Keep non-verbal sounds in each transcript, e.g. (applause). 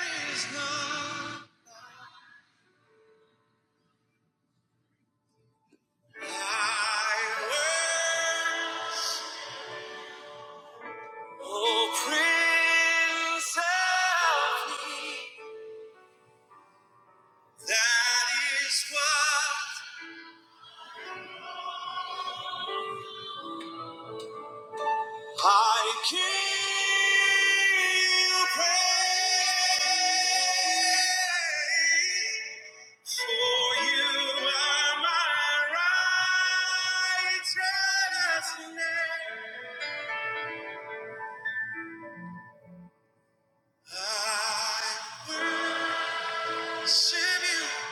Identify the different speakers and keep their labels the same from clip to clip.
Speaker 1: is none like worth. Oh, Prince of Peace, that is what I give you praise. For you are my righteousness. I worship you.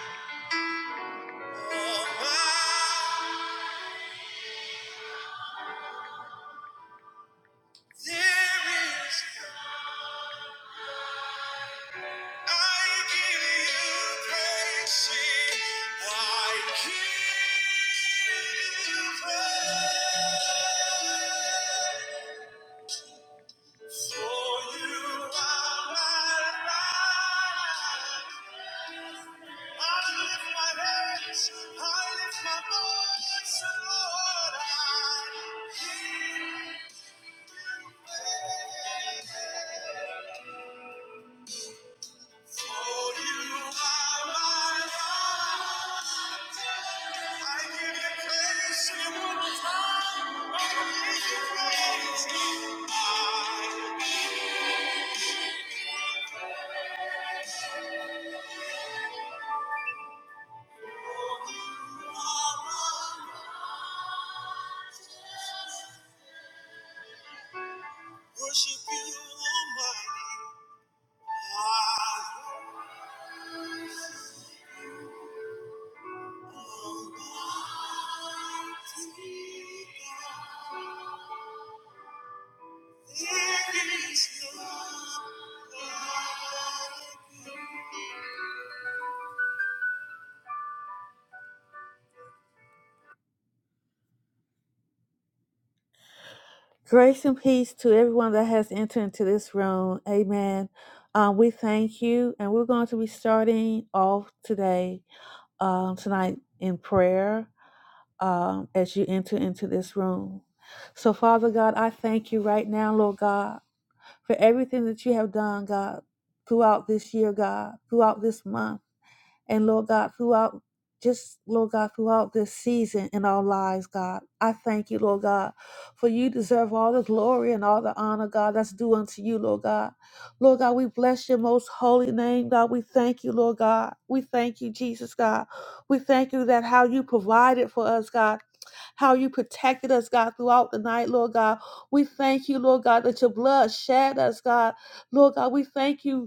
Speaker 1: For you are my life. like Grace and peace to everyone that has entered into this room. Amen. Um, we thank you, and we're going to be starting off today, um, tonight in prayer. um, as you enter into this room. So, Father God, I thank you right now, Lord God, for everything that you have done, God, throughout this year, God, throughout this month, and Lord God, throughout just, Lord God, throughout this season in our lives, God. I thank you, Lord God, for you deserve all the glory and all the honor, God, that's due unto you, Lord God. Lord God, we bless your most holy name, God. We thank you, Lord God. We thank you, Jesus, God. We thank you that how you provided for us, God how you protected us, God, throughout the night, Lord God. We thank you, Lord God, that your blood shed us, God. Lord God, we thank you.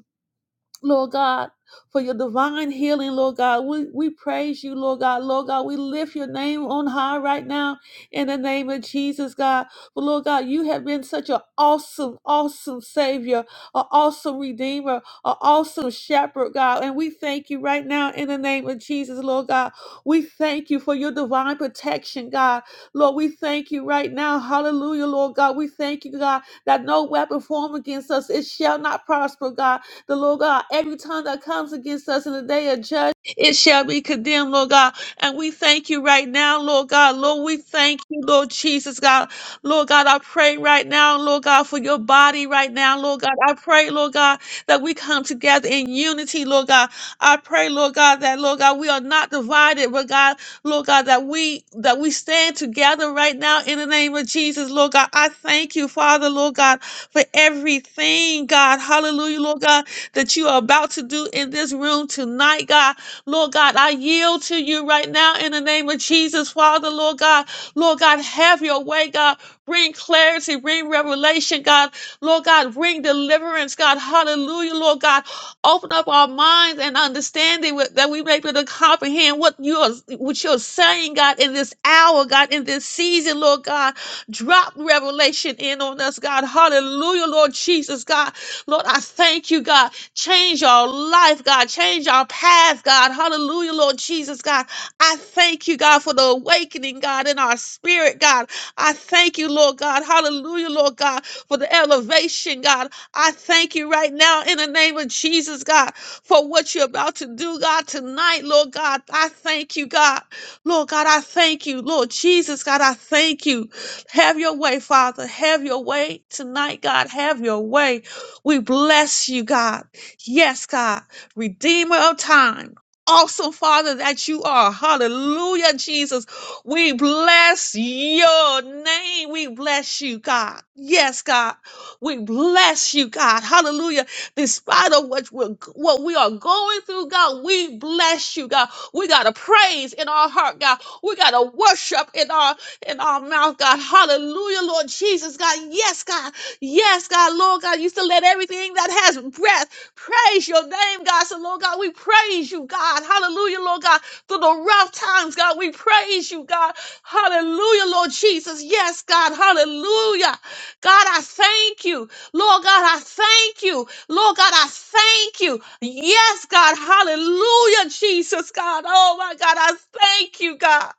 Speaker 1: Lord God, for your divine healing, Lord God. We, we praise you, Lord God. Lord God, we lift your name on high right now in the name of Jesus, God. But Lord God, you have been such an awesome, awesome Savior, an awesome Redeemer, an awesome Shepherd, God. And we thank you right now in the name of Jesus, Lord God. We thank you for your divine protection, God. Lord, we thank you right now. Hallelujah, Lord God. We thank you, God, that no weapon formed against us, it shall not prosper, God the Lord God, every tongue that comes against us in the day of judgment, it shall be condemned, Lord God. And we thank you right now, Lord God. Lord, we thank you, Lord Jesus, God. Lord God, I pray right now, Lord God, for your body right now, Lord God. I pray, Lord God, that we come together in unity, Lord God. I pray, Lord God, that Lord God, we are not divided, but God, Lord God, that we that we stand together right now in the name of Jesus, Lord God. I thank you, Father, Lord God, for everything, God. Hallelujah, Lord God that you are about to do in this room tonight, God. Lord God, I yield to you right now in the name of Jesus, Father, Lord God. Lord God, have your way, God. Bring clarity, bring revelation, God. Lord God, bring deliverance, God. Hallelujah, Lord God. Open up our minds and understanding with- that we may be able to comprehend what you're, what you're saying, God, in this hour, God, in this season, Lord God. Drop revelation in on us, God. Hallelujah, Lord Jesus, God. Lord, I thank you, God. Change our life, God. Change our path, God. Hallelujah, Lord Jesus, God. I thank you, God, for the awakening, God, in our spirit, God. I thank you, Lord God. Hallelujah, Lord God, for the elevation, God. I thank you right now in the name of Jesus, God, for what you're about to do, God, tonight, Lord God. I thank you, God. Lord God, I thank you. Lord Jesus, God, I thank you. Have your way, Father. Have your way tonight, God. Have your way. We bless you, God. Yes, God, Redeemer of time. Awesome Father that you are. Hallelujah, Jesus. We bless your name. We bless you, God. Yes, God. We bless you, God. Hallelujah. Despite of what we're, what we are going through, God, we bless you, God. We got a praise in our heart, God. We got a worship in our in our mouth, God. Hallelujah, Lord Jesus, God. Yes, God. Yes, God, Lord God, you still let everything that has breath Praise your name, God. So, Lord God, we praise you, God. Hallelujah, Lord God. Through the rough times, God, we praise you, God. Hallelujah, Lord Jesus. Yes, God. Hallelujah. God, I thank you. Lord God, I thank you. Lord God, I thank you. Yes, God. Hallelujah, Jesus, God. Oh, my God, I thank you, God.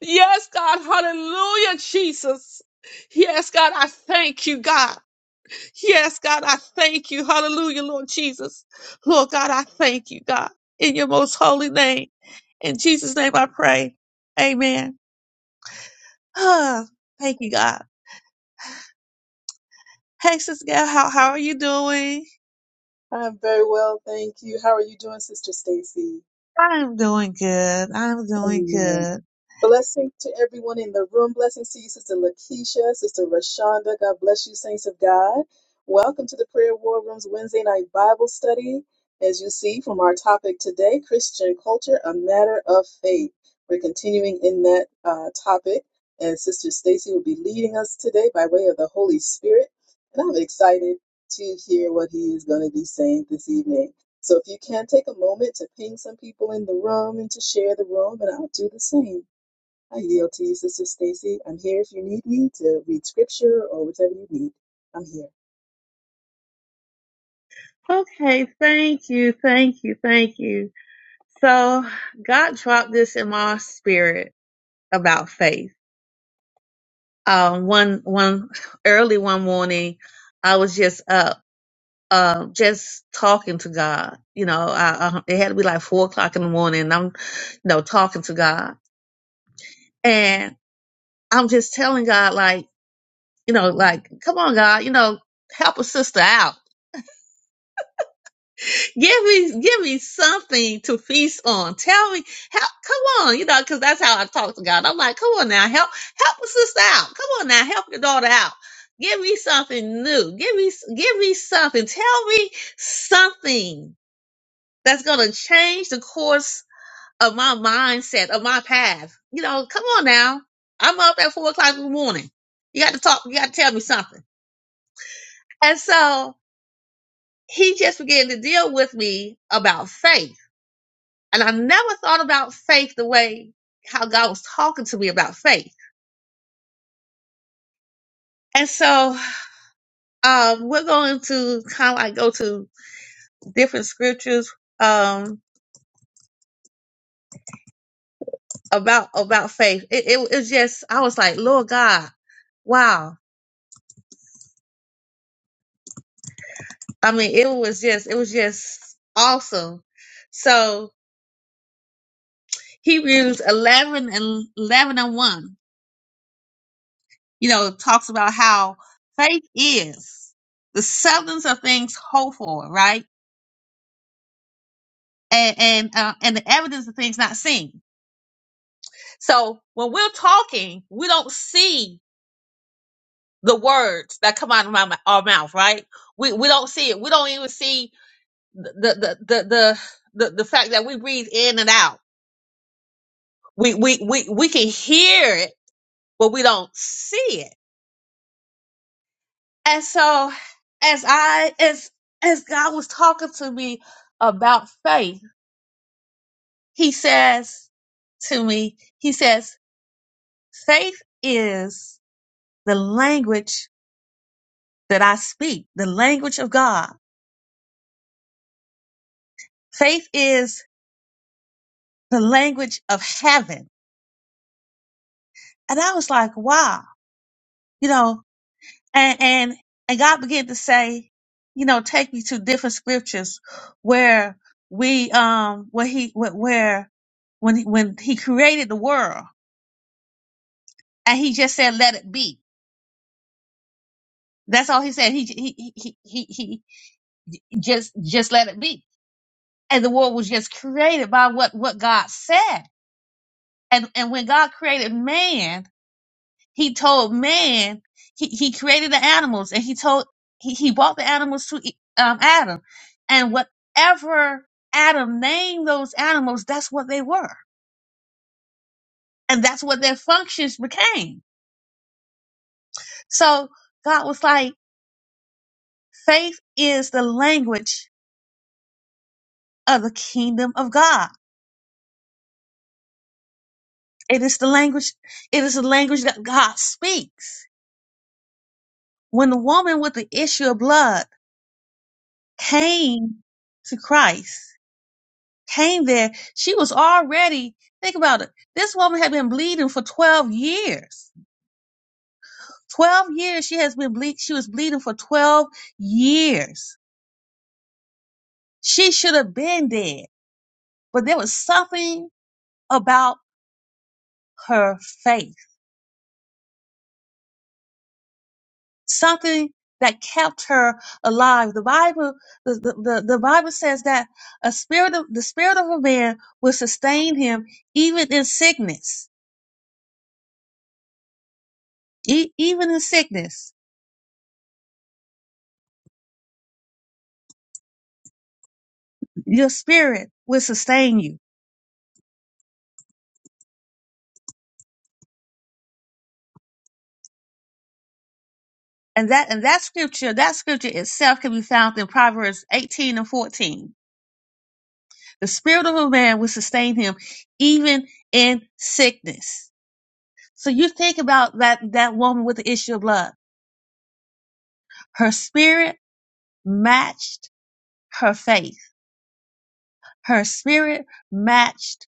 Speaker 1: Yes, God. Hallelujah, Jesus. Yes, God, I thank you, God. Yes, God, I thank you. Hallelujah, Lord Jesus. Lord God, I thank you, God, in your most holy name. In Jesus' name I pray. Amen. (sighs) Ah, thank you, God. Hey, Sister Gal, how, how are you doing?
Speaker 2: I'm very well, thank you. How are you doing, Sister Stacy?
Speaker 1: I'm doing good. I'm doing
Speaker 2: Amen.
Speaker 1: good.
Speaker 2: Blessing to everyone in the room. Blessings to you, Sister Lakeisha, Sister Rashonda. God bless you, saints of God. Welcome to the Prayer War Room's Wednesday night Bible study. As you see from our topic today, Christian culture, a matter of faith. We're continuing in that uh, topic, and Sister Stacy will be leading us today by way of the Holy Spirit. And I'm excited to hear what he is going to be saying this evening. So if you can take a moment to ping some people in the room and to share the room, and I'll do the same. Hi, yield to you, Sister Stacy. I'm here if you need me to read scripture or whatever you need. I'm here.
Speaker 1: Okay, thank you, thank you, thank you. So God dropped this in my spirit about faith. Um, one, one early one morning, I was just up uh, just talking to God. You know, I, I, it had to be like four o'clock in the morning. And I'm, you know, talking to God, and I'm just telling God, like, you know, like, come on, God, you know, help a sister out. Give me, give me something to feast on. Tell me, help, come on, you know, because that's how I talk to God. I'm like, come on now, help, help a sister out. Come on now, help your daughter out. Give me something new. Give me, give me something. Tell me something that's going to change the course of my mindset, of my path. You know, come on now. I'm up at four o'clock in the morning. You got to talk, you got to tell me something. And so he just began to deal with me about faith. And I never thought about faith the way how God was talking to me about faith. And so um, we're going to kind of like go to different scriptures um, about about faith. It, it, it was just I was like, Lord God, wow I mean, it was just, it was just awesome. So Hebrews 11 and 11 and 1, you know, talks about how faith is the substance of things hoped for, right? And, and, uh, and the evidence of things not seen. So when we're talking, we don't see the words that come out of my, our mouth, right? We, we don't see it. We don't even see the, the, the, the, the, the fact that we breathe in and out. We, we, we, we can hear it but we don't see it. And so as I as as God was talking to me about faith, he says to me, he says, faith is the language that I speak, the language of God. Faith is the language of heaven. And I was like, wow, you know, and and and God began to say, you know, take me to different scriptures where we um where he where where- when he, when he created the world and he just said let it be. That's all he said. He he he he he he just just let it be. And the world was just created by what what God said. And and when God created man He told man he, he created the animals and he told he, he brought the animals to E- um, Adam. And whatever Adam named those animals, that's what they were. And that's what their functions became. So God was like, faith is the language of the kingdom of God. It is the language, it is the language that God speaks. When the woman with the issue of blood came to Christ, came there, she was already, think about it. This woman had been bleeding for 12 years. 12 years she has been bleed, she was bleeding for 12 years. She should have been dead, but there was something about her faith, something that kept her alive. The Bible, the, the, the, the Bible says that a spirit of, the spirit of a man will sustain him even in sickness, E- even in sickness. Your spirit will sustain you And that and that scripture, that scripture itself can be found in Proverbs 18 and 14. The spirit of a man will sustain him even in sickness. So you think about that that woman with the issue of blood. Her spirit matched her faith. Her spirit matched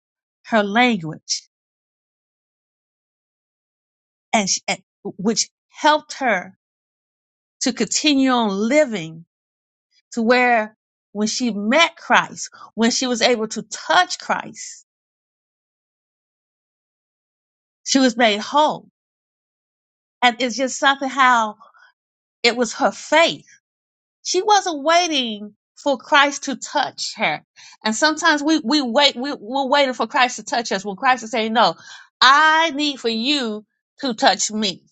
Speaker 1: her language and, sh- and which helped her to continue on living to where when she met Christ, when she was able to touch Christ, She was made whole. And it's just something how it was her faith. She wasn't waiting for Christ to touch her. And sometimes we, we wait, we, we're waiting for Christ to touch us when Christ is saying, no, I need for you to touch me.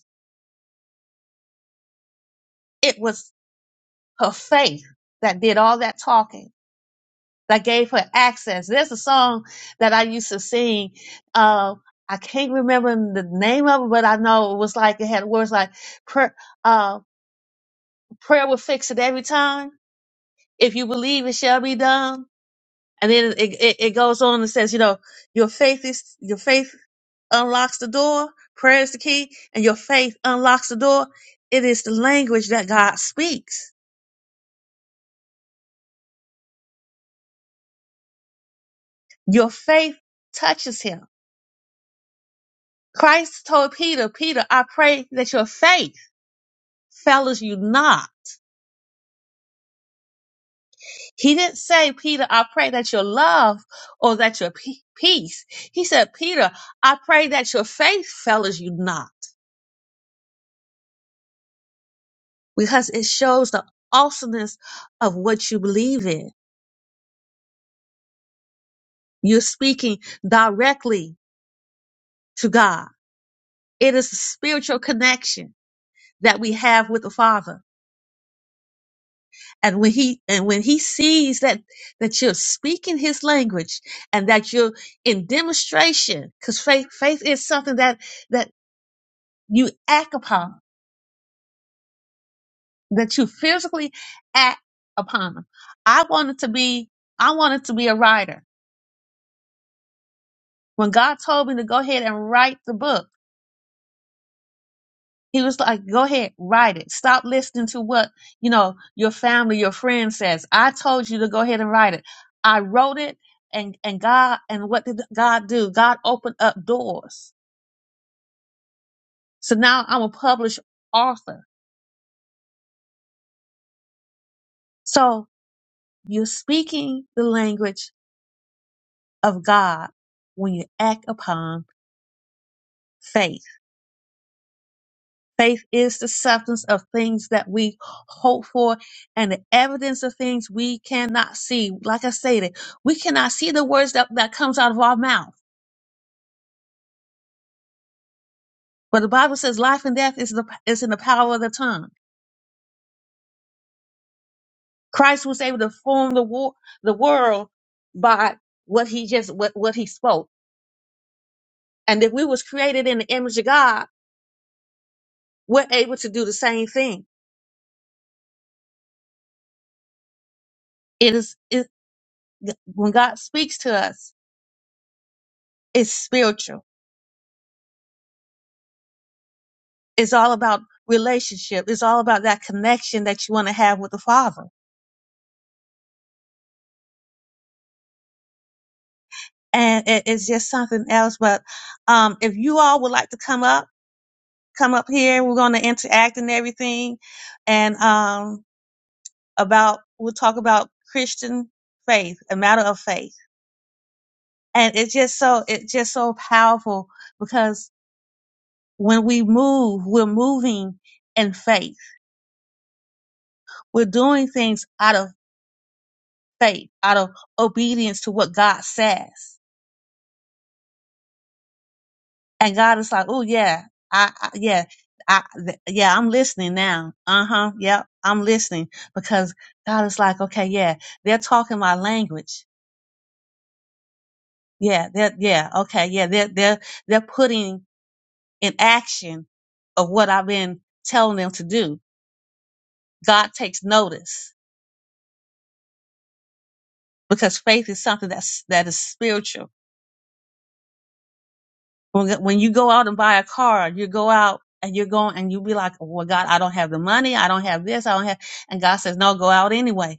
Speaker 1: It was her faith that did all that talking, that gave her access. There's a song that I used to sing. Uh, I can't remember the name of it, but I know it was like, it had words like, prayer, uh, prayer will fix it every time if you believe it shall be done. And then it, it, it goes on and says, you know, your faith is your faith unlocks the door, prayer is the key, and your faith unlocks the door. It is the language that God speaks. Your faith touches him. Christ told Peter, Peter, I pray that your faith fellows you not. He didn't say, Peter, I pray that your love or that your pe- peace. He said, Peter, I pray that your faith fellows you not. because it shows the awesomeness of what you believe in. You're speaking directly to God. It is a spiritual connection that we have with the Father. And when he, and when he sees that, that you're speaking his language and that you're in demonstration, cause faith, faith is something that, that you act upon, that you physically act upon. I wanted to be, I wanted to be a writer. When God told me to go ahead and write the book, He was like, go ahead, write it. Stop listening to what, you know, your family, your friend says. I told you to go ahead and write it. I wrote it and, and God, and what did God do? God opened up doors. So now I'm a published author. So you're speaking the language of God when you act upon faith. Faith is the substance of things that we hope for and the evidence of things we cannot see. Like I stated, we cannot see the words that, that comes out of our mouth. But the Bible says life and death is the is in the power of the tongue. Christ was able to form the war, the world by what he just what, what he spoke. And if we was created in the image of God, we're able to do the same thing. It is it, when God speaks to us, it's spiritual It's all about relationship. It's all about that connection that you want to have with the Father. And it, it's just something else. But um, if you all would like to come up, come up here. We're going to interact and everything. And um, about, we'll talk about Christian faith, a matter of faith. And it's just so, it's just so powerful because when we move, we're moving in faith. We're doing things out of faith, out of obedience to what God says And God is like, oh yeah, I, I yeah, I th- yeah, I'm listening now. Uh huh. Yep, I'm listening because God is like, okay, yeah, they're talking my language. Yeah, they're yeah, okay, yeah, they're they're they're putting in action of what I've been telling them to do. God takes notice because faith is something that's that is spiritual. When when you go out and buy a car, you go out and you're going and you be like, "Oh, well, God, I don't have the money, I don't have this, I don't have, and God says, no, go out anyway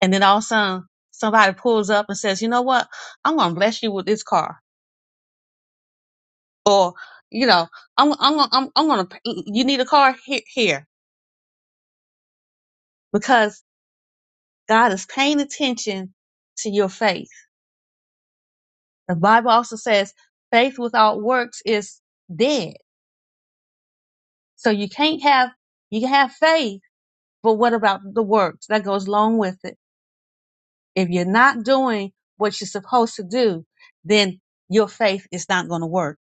Speaker 1: And then all of a sudden, somebody pulls up and says, "You know what? I'm going to bless you with this car," or you know, "I'm I'm gonna- I'm, I'm going to you need a car here, here because God is paying attention to your faith." The Bible also says, "Faith without works is dead." So you can't have you can have faith, but what about the works that goes along with it? If you're not doing what you're supposed to do, then your faith is not going to work.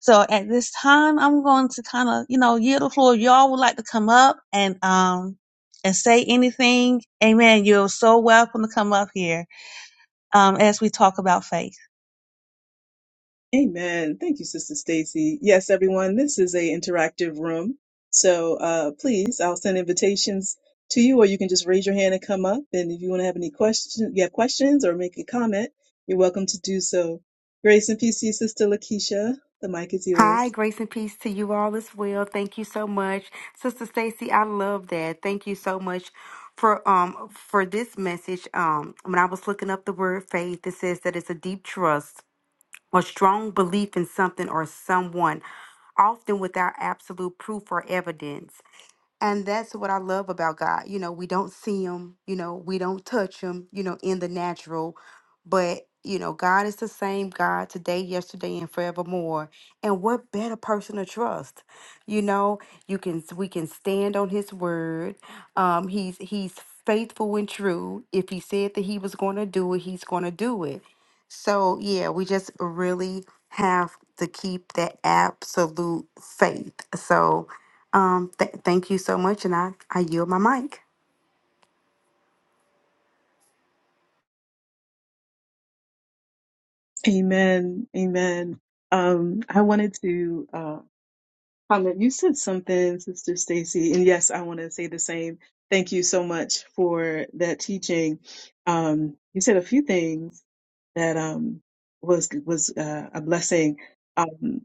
Speaker 1: So at this time, I'm going to kind of, you know, yield the floor. If Y'all would like to come up and um and say anything. Amen. You're so welcome to come up here um as we talk about faith.
Speaker 2: Amen. Thank you, Sister Stacy. Yes, everyone, this is a interactive room. So uh, please, I'll send invitations to you, or you can just raise your hand and come up. And if you want to have any questions, you have questions or make a comment, you're welcome to do so. Grace and peace to you, Sister Lakeisha. The mic is
Speaker 3: Hi,
Speaker 2: yours.
Speaker 3: grace and peace to you all as well. Thank you so much, Sister Stacy. I love that. Thank you so much for um for this message. Um, when I was looking up the word faith, it says that it's a deep trust or strong belief in something or someone, often without absolute proof or evidence. And that's what I love about God. You know, we don't see him. You know, we don't touch him. You know, in the natural, but you know, God is the same God today, yesterday, and forevermore and what better person to trust? You know, you can we can stand on his word. Um, he's he's faithful and true. If he said that he was going to do it, he's going to do it. So yeah, we just really have to keep that absolute faith. So um, th- thank you so much, and I I yield my mic.
Speaker 2: Amen. Amen. Um, I wanted to. Uh, Carmen, you said something, Sister Stacy, and yes, I want to say the same. Thank you so much for that teaching. Um, you said a few things that um, was was uh, a blessing. Um,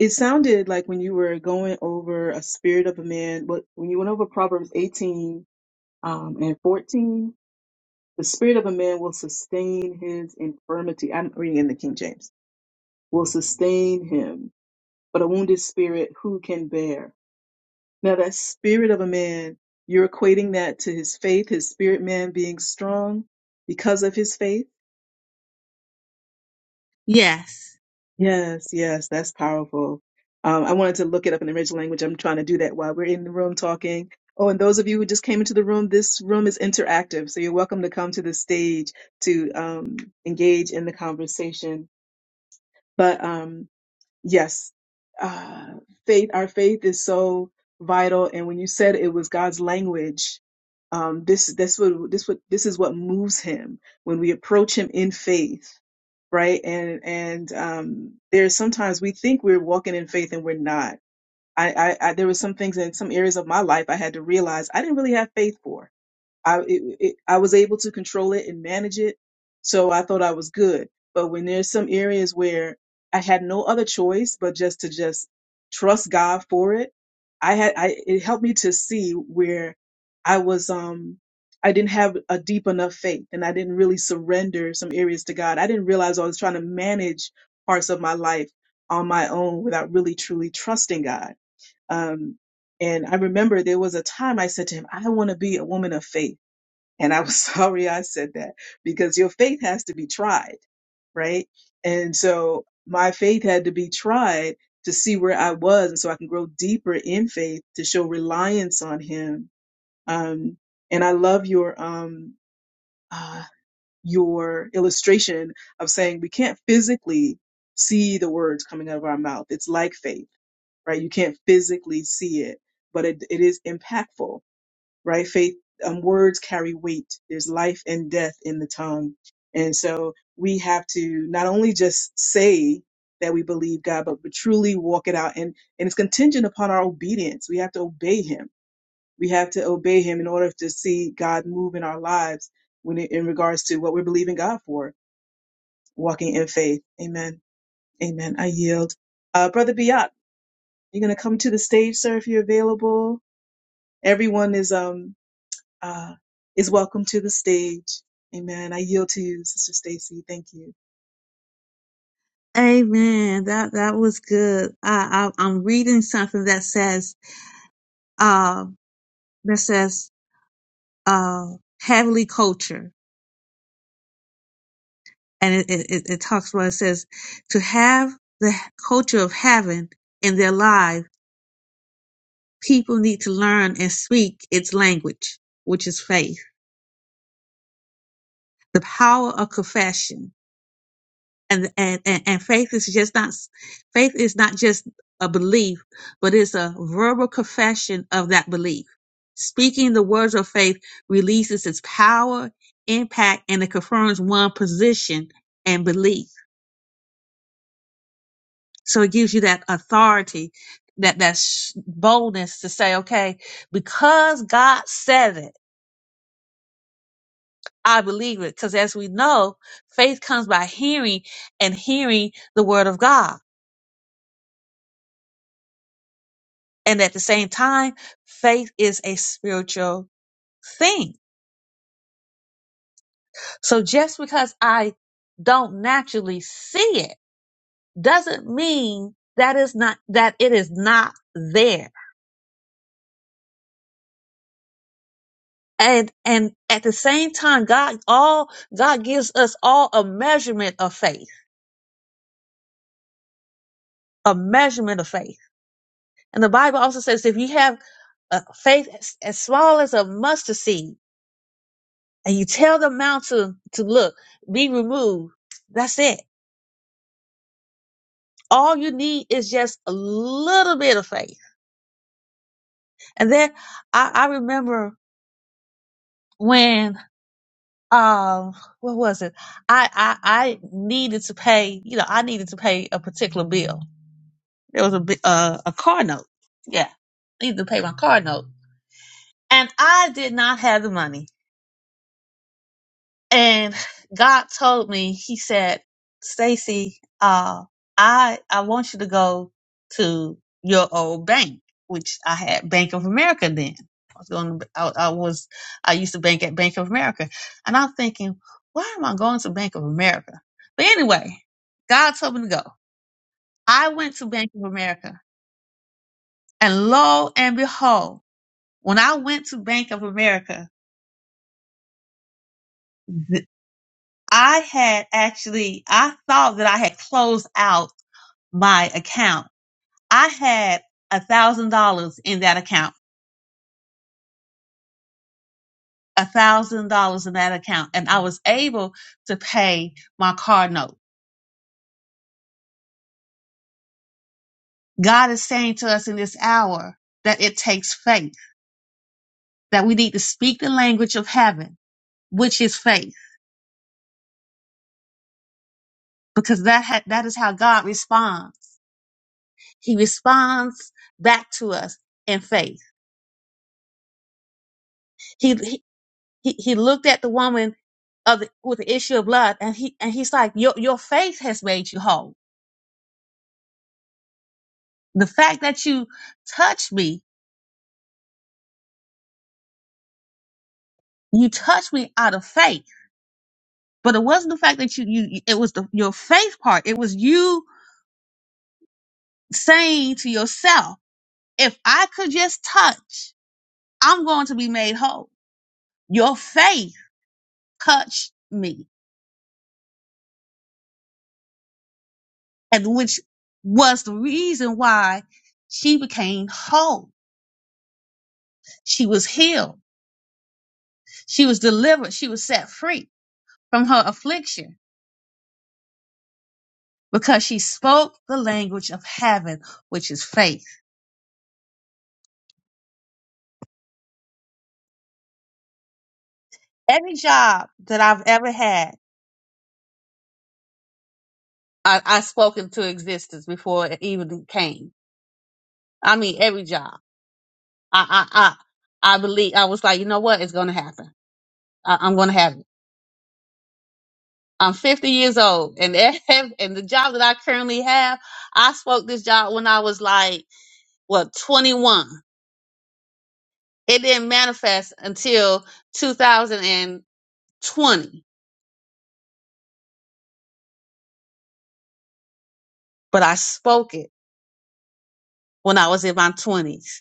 Speaker 2: it sounded like when you were going over a spirit of a man, what when you went over Proverbs 18 um, and 14, the spirit of a man will sustain his infirmity. I'm reading in the King James. Will sustain him, but a wounded spirit who can bear? Now, that spirit of a man, you're equating that to his faith, his spirit man being strong because of his faith.
Speaker 1: Yes.
Speaker 2: Yes, yes, that's powerful. Um, I wanted to look it up in the original language. I'm trying to do that while we're in the room talking. Oh, and those of you who just came into the room, this room is interactive. So you're welcome to come to the stage to um, engage in the conversation. But um, Yes. Uh, faith, our faith is so vital. And when you said it was God's language, um, this, this what this what this is what moves him when we approach him in faith, right? And, and, um, there's sometimes we think we're walking in faith and we're not. I, I, I, there were some things in some areas of my life I had to realize I didn't really have faith for I it, it, I was able to control it and manage it, so I thought I was good. But when there's some areas where I had no other choice but just to just trust God for it, I had I it helped me to see where I was um I didn't have a deep enough faith and I didn't really surrender some areas to God. I didn't realize I was trying to manage parts of my life on my own without really truly trusting God. Um, and I remember there was a time I said to him, I want to be a woman of faith and I was (laughs) sorry I said that because your faith has to be tried, right? And so my faith had to be tried to see where I was. And so I can grow deeper in faith to show reliance on him. Um, and I love your, um, uh, your illustration of saying we can't physically see the words coming out of our mouth. It's like faith, right? You can't physically see it, but it, it is impactful right? Faith, um, words carry weight. There's life and death in the tongue. And so we have to not only just say that we believe God, but, but truly walk it out. And, and it's contingent upon our obedience. We have to obey him. We have to obey him in order to see God move in our lives when it, in regards to what we're believing God for, walking in faith. Amen. Amen. I yield. Uh, Brother Biat, you're going to come to the stage, sir, if you're available. Everyone is, um, uh, is welcome to the stage. Amen. I yield to you, Sister Stacy. Thank you.
Speaker 1: Amen. That that was good. I, I I'm reading something that says uh that says uh heavenly culture, and it it, it it talks about it says to have the culture of heaven in their life, people need to learn and speak its language, which is faith, the power of confession, and and and, and faith is just not faith is not just a belief but it's a verbal confession of that belief speaking the words of faith releases its power impact and it confirms one position and belief so it gives you that authority that that sh- boldness to say okay because god said it i believe it because as we know faith comes by hearing and hearing the word of god And at the same time, faith is a spiritual thing. So just because I don't naturally see it doesn't mean that is not, that it is not there. And, and at the same time, God, all, God gives us all a measurement of faith, a measurement of faith. And the Bible also says if you have uh, faith as, as small as a mustard seed and you tell the mountain to look, be removed, that's it All you need is just a little bit of faith. And then I, I remember when um what was it? I, I I needed to pay, you know, I needed to pay a particular bill. There was a bi- uh, a car note. Yeah. I needed to pay my car note. And I did not have the money and God told me, He said, Stacy, uh, I I want you to go to your old bank, which I had Bank of America then. I was going. To, I, I was. I used to bank at Bank of America, and I'm thinking, why am I going to Bank of America? But anyway, God told me to go. I went to Bank of America, and lo and behold, when I went to Bank of America, th- I had actually I thought that I had closed out my account. I had a thousand dollars in that account, a thousand dollars in that account, and I was able to pay my car note. God is saying to us in this hour that it takes faith, that we need to speak the language of heaven, which is faith, because that ha- that is how God responds. He responds back to us in faith. He he he looked at the woman of the, with the issue of blood, and he and he's like, your your faith has made you whole The fact that you touched me, you touched me out of faith. But it wasn't the fact that you, you it was the, your faith part. It was you saying to yourself, if I could just touch, I'm going to be made whole. Your faith touched me, and which was the reason why she became whole. She was healed. She was delivered. She was set free from her affliction because she spoke the language of heaven, which is faith. Every job that I've ever had, I, I spoke into existence before it even came. I mean, every job. I, I, I, I believe I was like, you know what? It's going to happen. I, I'm going to have it. I'm 50 years old, and (laughs) ev- and the job that I currently have, I spoke this job when I was like what 21. It didn't manifest until 2020, but I spoke it when I was in my 20s.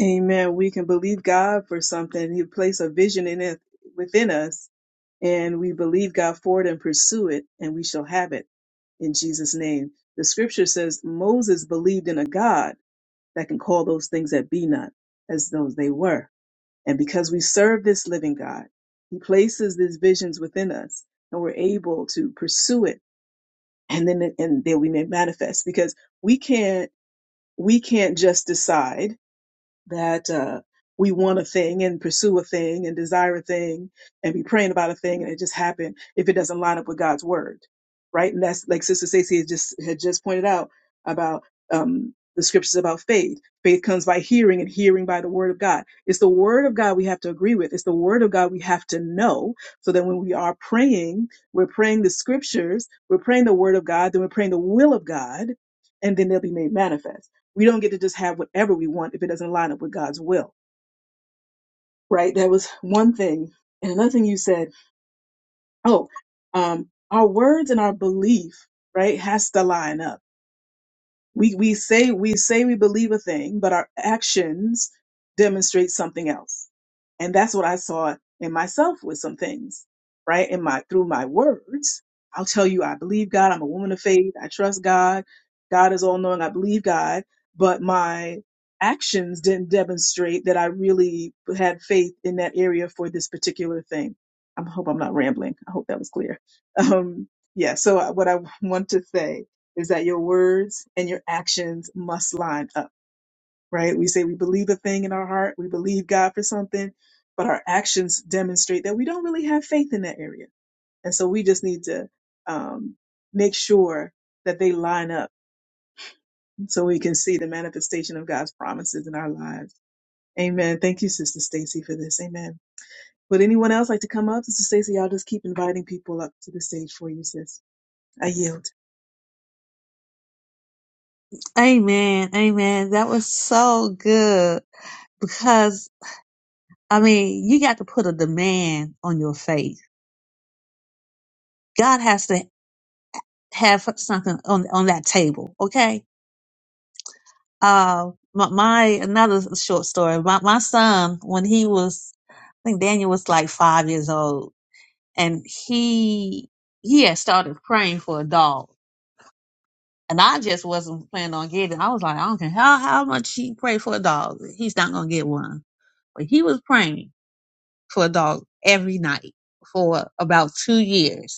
Speaker 2: Amen. We can believe God for something. He placed a vision in it within us, and we believe God for it and pursue it, and we shall have it in Jesus' name. The scripture says Moses believed in a God that can call those things that be not as though they were. And because we serve this living God, he places these visions within us, and we're able to pursue it and then and then we may manifest because we can't we can't just decide that uh, we want a thing and pursue a thing and desire a thing and be praying about a thing and it just happened if it doesn't line up with God's word, right? And that's like Sister Stacey had just had just pointed out about um, the scriptures about faith. Faith comes by hearing and hearing by the word of God. It's the word of God we have to agree with. It's the word of God we have to know so that when we are praying, we're praying the scriptures, we're praying the word of God, then we're praying the will of God, and then they'll be made manifest. We don't get to just have whatever we want if it doesn't line up with God's will, right? That was one thing. And another thing you said, oh, um, our words and our belief, right, has to line up We we say we say we believe a thing, but our actions demonstrate something else. And that's what I saw in myself with some things, right? In my through my words, I'll tell you I believe God, I'm a woman of faith, I trust God, God is all knowing, I believe God, but my actions didn't demonstrate that I really had faith in that area for this particular thing. I hope I'm not rambling. I hope that was clear. (laughs) Um, yeah, so what I want to say is that your words and your actions must line up, right? We say we believe a thing in our heart, we believe God for something, but our actions demonstrate that we don't really have faith in that area. And so we just need to um, make sure that they line up so we can see the manifestation of God's promises in our lives. Amen. Thank you, Sister Stacy, for this. Amen. Would anyone else like to come up? Sister Stacy, I'll just keep inviting people up to the stage for you, sis. I yield.
Speaker 1: Amen. Amen. That was so good. because I mean, you got to put a demand on your faith. God has to have something on on that table, okay? Uh, my, my another short story. My my son, when he was, I think Daniel was like five years old, and he he had started praying for a dog, and I just wasn't planning on getting. it. I was like, I don't care how how much he pray for a dog, he's not gonna get one. But he was praying for a dog every night for about two years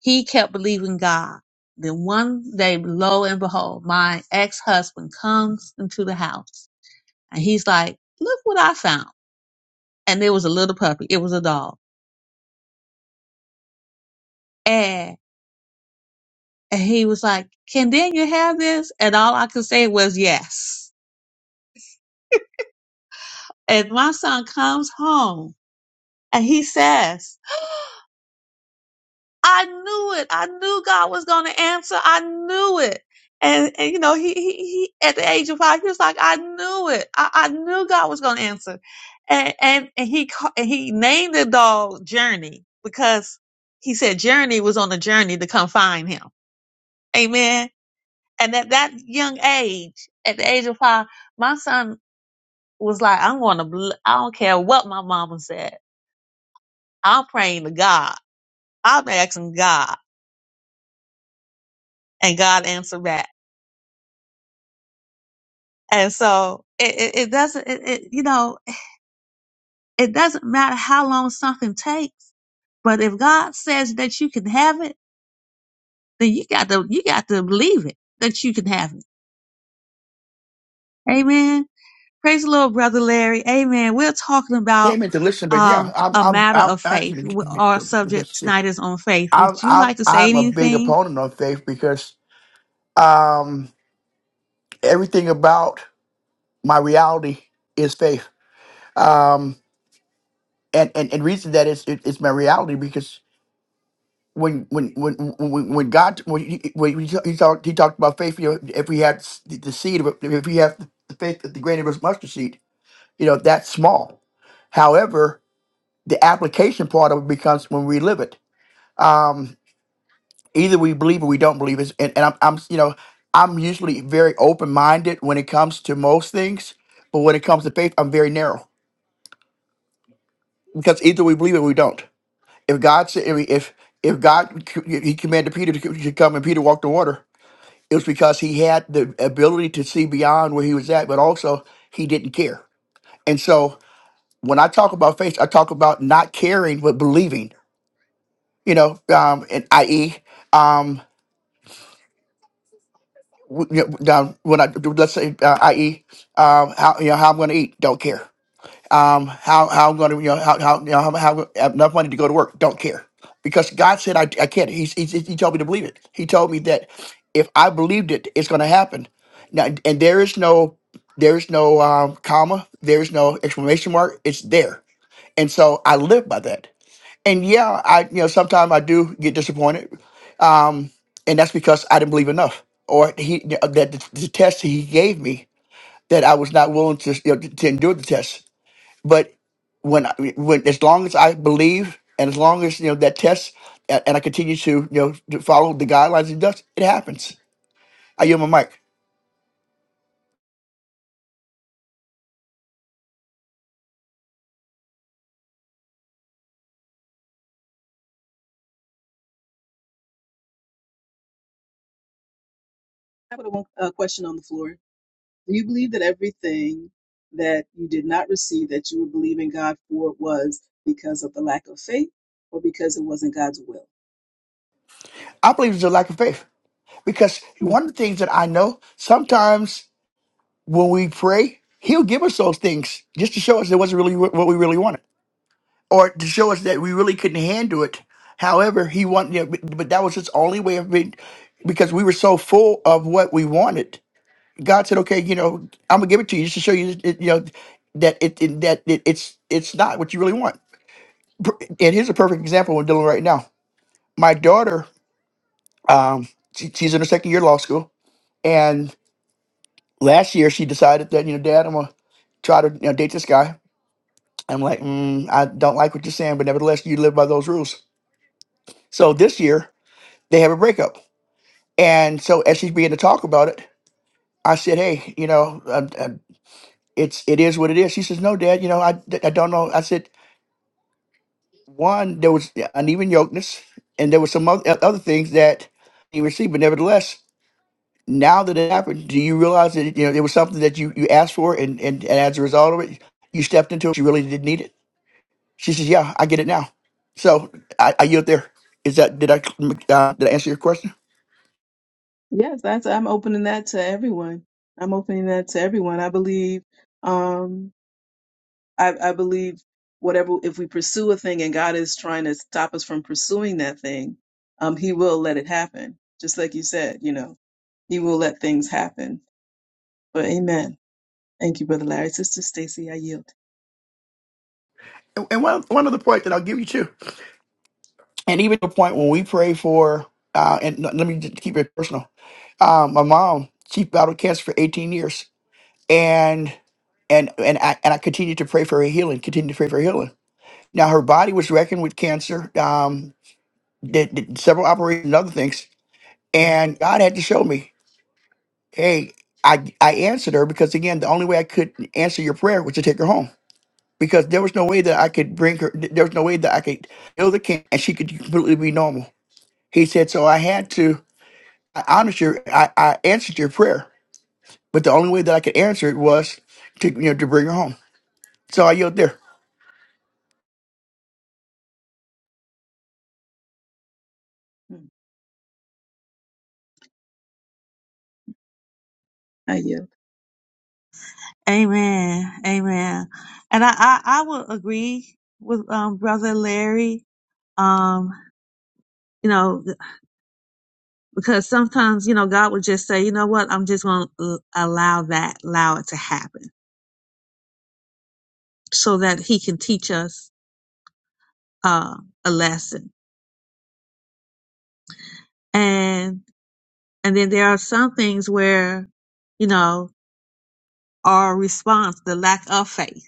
Speaker 1: He kept believing God. Then one day, lo and behold, my ex-husband comes into the house and he's like, look what I found. And it was a little puppy. It was a dog. And, and he was like, can Daniel have this? And all I could say was yes. (laughs) And my son comes home and he says, I knew it. I knew God was going to answer. I knew it. And, and you know, he, he, he, at the age of five, he was like, I knew it. I, I knew God was going to answer. And, and, and he, ca- and he named the dog Journey because he said Journey was on a journey to come find him. Amen. And at that young age, at the age of five, my son was like, I'm going to, bl- I don't care what my mama said. I'm praying to God. I'm asking God and God answered back. And so it, it, it doesn't, it, it, you know, it doesn't matter how long something takes, but if God says that you can have it, then you got to, you got to believe it that you can have it. Amen. Praise the Lord, brother Larry. Amen. We're talking about,
Speaker 4: came in to listen, but yeah,
Speaker 1: um,
Speaker 4: I'm
Speaker 1: a
Speaker 4: I'm
Speaker 1: matter
Speaker 4: I'm
Speaker 1: of faith.
Speaker 4: actually
Speaker 1: We- Our subject tonight is on faith.
Speaker 4: I'm
Speaker 1: Would you
Speaker 4: I'm
Speaker 1: like to say
Speaker 4: I'm a big
Speaker 1: anything?
Speaker 4: opponent of faith because um everything about my reality is faith. Um and and, and reason that is it, it's my reality because when when when when when God when he, when he he talked he talked about faith, you know, if we had s- the the seed of it, if we have the faith of the grain of a mustard seed, you know, that's small. However, the application part of it becomes when we live it. Um, either we believe or we don't believe is and, and I'm, I'm you know i'm usually very open-minded when it comes to most things but when it comes to faith i'm very narrow because either we believe or we don't if god said if if if god c- he commanded peter to c- to come and peter walked the water it was because he had the ability to see beyond where he was at but also he didn't care and so when i talk about faith i talk about not caring but believing you know um and i.e w- you know, down- when I let's say, uh, i.e., um, how you know how I'm going to eat, don't care. Um, how how I'm going to you know how how you know how, how I have enough money to go to work, don't care, because God said I, I can't. He, he he told me to believe it. He told me that if I believed it, it's going to happen. Now, and there is no there is no um, comma, there is no exclamation mark. It's there, and so I live by that and yeah, I you know sometimes I do get disappointed, um, and that's because I didn't believe enough, or he that the, the test he gave me that I was not willing to you know, to endure the test. But when I, when as long as I believe, and as long as you know that test, and, and I continue to you know to follow the guidelines he does, it happens. I yield my mic.
Speaker 2: I have a, one- a question on the floor. Do you believe that everything that you did not receive that you were believing God for was because of the lack of faith or because it wasn't God's will?
Speaker 4: I believe it's a lack of faith because
Speaker 2: Hmm.
Speaker 4: one of the things that I know sometimes when we pray, He'll give us those things just to show us it wasn't really what what we really wanted or to show us that we really couldn't handle it. However, he wanted, you know, but, but that was his only way of being, because we were so full of what we wanted. God said, "Okay, you know, I'm gonna give it to you just to show you, that, you know, that it, it- that it, it's it's not what you really want." Per- And here's a perfect example we're dealing with right now. My daughter, um, she, she's in her second year of law school, and last year she decided that you know, Dad, I'm gonna try to you know, date this guy. I'm like, mm, I don't like what you're saying, but nevertheless, you live by those rules. So this year they have a breakup. And so as she's beginning to talk about it, I said, "Hey, you know, uh, uh, it's it is what it is." She says, "No, Dad, you know, I d- I don't know." I said, "One, there was uneven yokeness, and there was some oth- other things that you received, but nevertheless." Now that it happened, do you realize that you know it was something that you, you asked for, and, and, and as a result of it, you stepped into it. You really didn't need it. She says, "Yeah, I get it now." So I, I yield there. Is that did I uh, did I answer your question?
Speaker 2: Yes, that's I'm opening that to everyone. I'm opening that to everyone. I believe um I, I believe whatever if we pursue a thing and God is trying to stop us from pursuing that thing, um he will let it happen. Just like you said, you know, he will let things happen. But amen. Thank you, Brother Larry. Sister Stacy, I yield.
Speaker 4: And and one one other point that I'll give you too, and even the point when we pray for, uh, and let me just keep it personal. Um, my mom, she battled cancer for 18 years, and and and I and I continued to pray for her healing, continued to pray for her healing. Now her body was reckoned with cancer, um, did, did several operations and other things, and God had to show me, hey, I I answered her because again, the only way I could answer your prayer was to take her home. because there was no way that I could bring her. th- There was no way that I could kill the king and she could completely be normal. He said, so I had to. I honored your. I, I answered your prayer, but the only way that I could answer it was to you know to bring her home. So I yelled there,
Speaker 2: Hmm. I yield.
Speaker 1: Amen. Amen. And I, I, I will agree with, um, brother Larry. Um, you know, because sometimes you know god would just say you know what i'm just going to allow that allow it to happen so that he can teach us uh, a lesson and and then there are some things where you know our response the lack of faith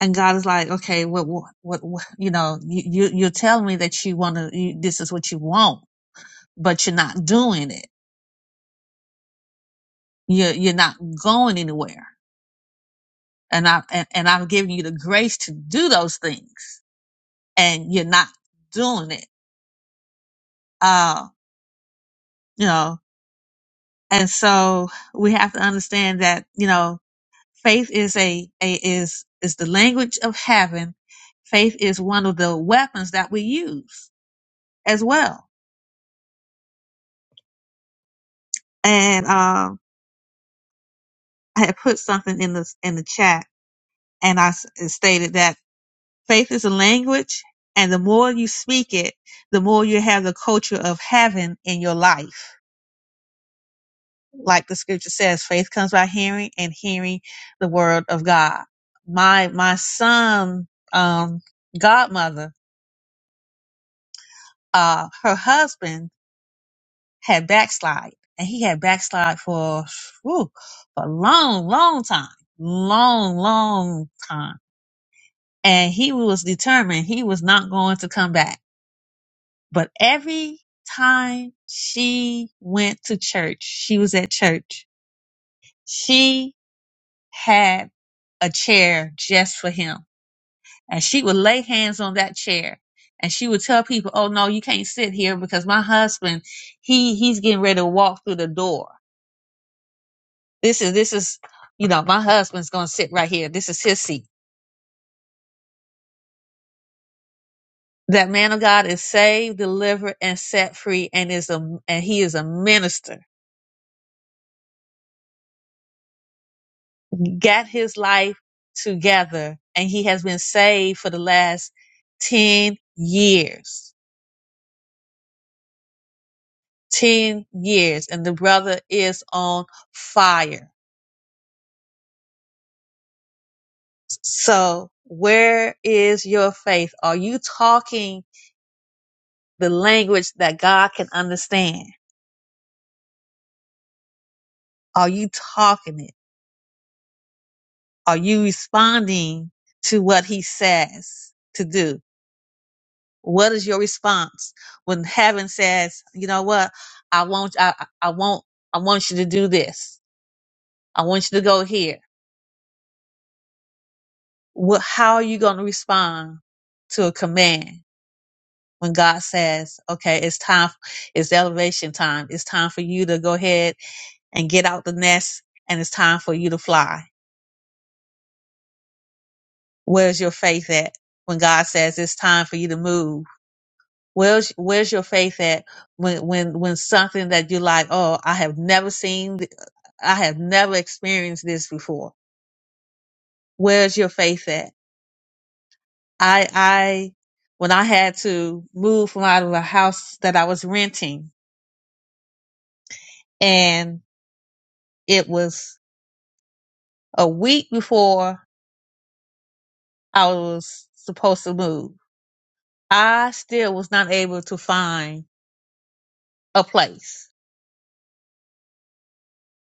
Speaker 1: and god is like okay what what, what, what you know you, you you're telling me that you want to you, this is what you want but you're not doing it you're you're not going anywhere and i and, and i'm giving you the grace to do those things and you're not doing it. Uh, you know, and so we have to understand that, you know, faith is a, a is is the language of heaven. Faith is one of the weapons that we use as well. And um I had put something in the in the chat and I s- stated that faith is a language and the more you speak it, the more you have the culture of heaven in your life like the scripture says, faith comes by hearing and hearing the word of God. My, my son, um, godmother, uh, her husband had backslide and he had backslide for, whew, for a long, long time, long, long time. And he was determined he was not going to come back. But every time she went to church, she was at church. She had a chair just for him. And she would lay hands on that chair and she would tell people, Oh no, you can't sit here because my husband, he he's getting ready to walk through the door. This is this is you know, my husband's gonna sit right here. This is his seat. That man of God is saved, delivered, and set free, and is a and he is a minister. He Got his life together, and he has been saved for the last ten years 10 years and the brother is on fire. So where is your faith? Are you talking the language that God can understand? Are you talking it? Are you responding to what he says to do? What is your response when heaven says, you know what? I want, I, I I want, I want you to do this. I want you to go here. What, how are you going to respond to a command? when God says, okay, it's time, it's elevation time. It's time for you to go ahead and get out the nest and it's time for you to fly. Where's your faith at when God says it's time for you to move? Where's, where's your faith at when, when, when something that you're like, oh, I have never seen, th- I have never experienced this before. Where's your faith at? I, I, when I had to move from out of a house that I was renting and it was a week before I was supposed to move, I still was not able to find a place.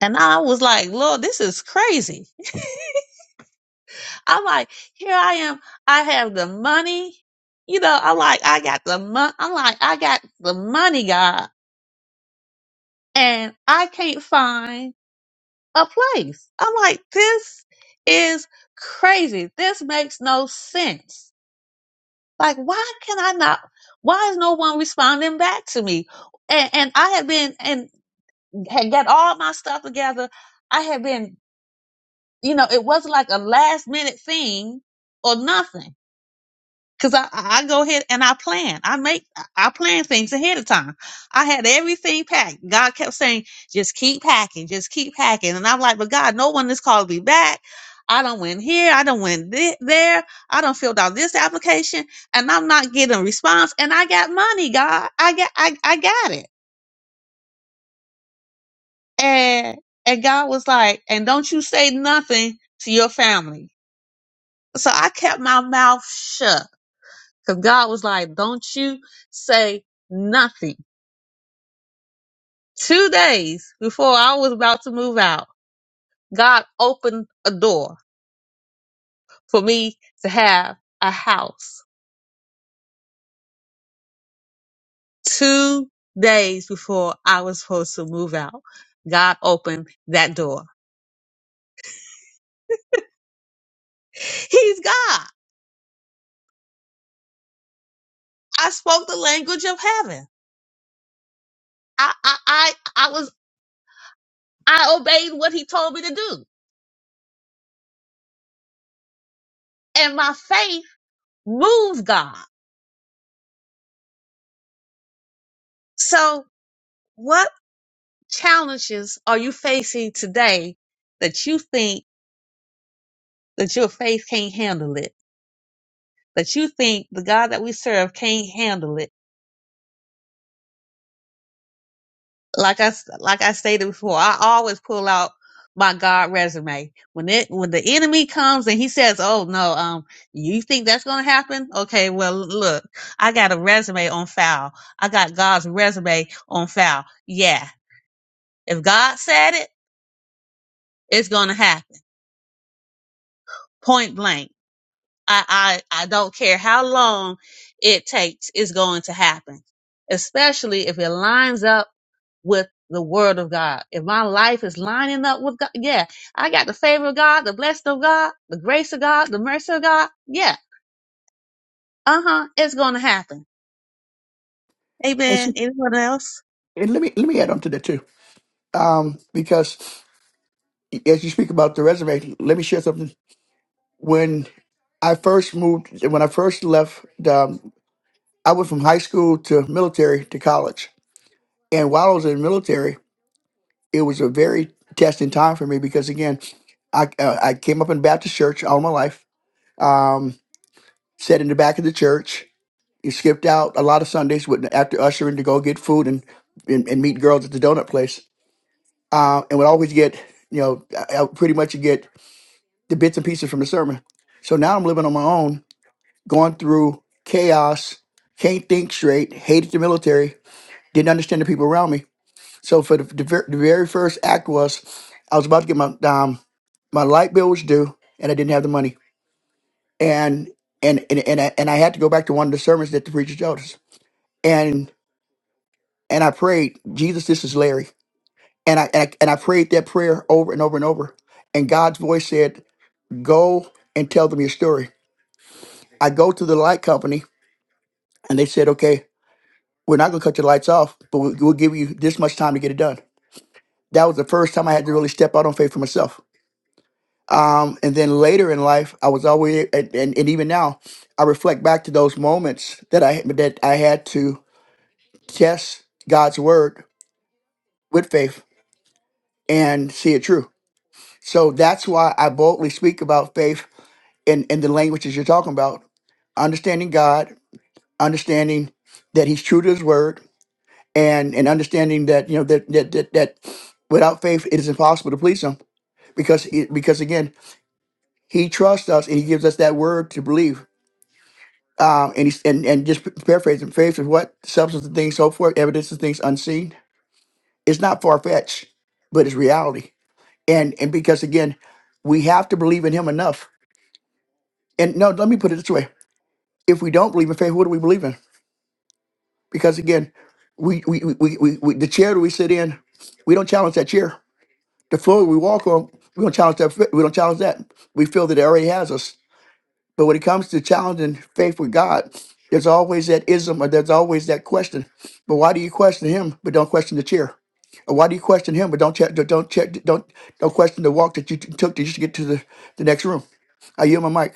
Speaker 1: And I was like, Lord, this is crazy. I'm like, here I am. I have the money. You know, I'm like, I got the money. I'm like, I got the money, God, and I can't find a place. I'm like, this is crazy. This makes no sense. Like, why can I not? Why is no one responding back to me? And, and I had been and had got all my stuff together. I had been, you know, it wasn't like a last minute thing or nothing. Cause I, I I go ahead and I plan. I make, I plan things ahead of time. I had everything packed. God kept saying, just keep packing, just keep packing. And I'm like, but God, no one is called me back. I don't went here. I don't went thi- there. I don't filled out this application and I'm not getting a response. And I got money, God. I got, I, I got it. And, and God was like, and don't you say nothing to your family. So I kept my mouth shut Because God was like, don't you say nothing. Two days before I was about to move out, God opened a door for me to have a house. Two days before I was supposed to move out, God opened that door. He's God. I spoke the language of heaven. I, I, I, I was, I obeyed what he told me to do and my faith moved God. So what? challenges are you facing today that you think that your faith can't handle it? That you think the God that we serve can't handle it? Like I s- like I stated before, I always pull out my God resume when it when the enemy comes and he says, "Oh no, um, you think that's gonna happen? Okay, well look, I got a resume on file. I got God's resume on file. Yeah, if God said it, it's gonna happen. Point blank." I, I, I don't care how long it takes, it's going to happen. Especially if it lines up with the word of God. If my life is lining up with God, yeah, I got the favor of God, the blessing of God, the grace of God, the mercy of God. Yeah, uh huh, it's going to happen.
Speaker 4: and,
Speaker 1: Amen.
Speaker 4: so,
Speaker 1: Anyone else?
Speaker 4: and let me let me add on to that too, um, because as you speak about the resume, let me share something. When I first moved, when I first left, um, I went from high school to military to college, and while I was in military. it was a very testing time for me because again, I uh, I came up in Baptist church all my life. Um, sat in the back of the church. You skipped out a lot of Sundays with after ushering to go get food and and, and meet girls at the donut place. Uh, and would always get you know I, I pretty much get the bits and pieces from the sermon. So now I'm living on my own, going through chaos, can't think straight, hated the military, didn't understand the people around me. So for the, the, ver- the very first act was I was about to get my um, my light bill was due and I didn't have the money. And and and and I, and I had to go back to one of the sermons that the preacher told us. And and I prayed, Jesus, this is Larry. And I, and I and I prayed that prayer over and over and over. And God's voice said, "Go and tell them your story." I go to the light company, and they said, "Okay, we're not going to cut your lights off, but we'll, we'll give you this much time to get it done." That was the first time I had to really step out on faith for myself Um, and then later in life, I was always, and, and, and even now, I reflect back to those moments that I that I had to test God's word with faith and see it true. So that's why I boldly speak about faith in, in the languages you're talking about, understanding God, understanding that He's true to His word, and and understanding that you know that that that, that without faith it is impossible to please Him because it, because again He trusts us and He gives us that word to believe um, and, he's, and and just paraphrasing, faith is what substance of things so forth, evidence of things unseen. It's not far fetched, but it's reality. And and because again, we have to believe in Him enough. And no, let me put it this way: if we don't believe in faith, what do we believe in? Because again, we we we, we, we, we the chair that we sit in, we don't challenge that chair. The floor we walk on, we don't challenge that. We don't challenge that. We feel that it already has us. But when it comes to challenging faith with God, there's always that ism or there's always that question. But why do you question him but don't question the chair? Or why do you question him but don't check don't check don't don't question the walk that you t- took to just get to the, the next room? I yield my mic.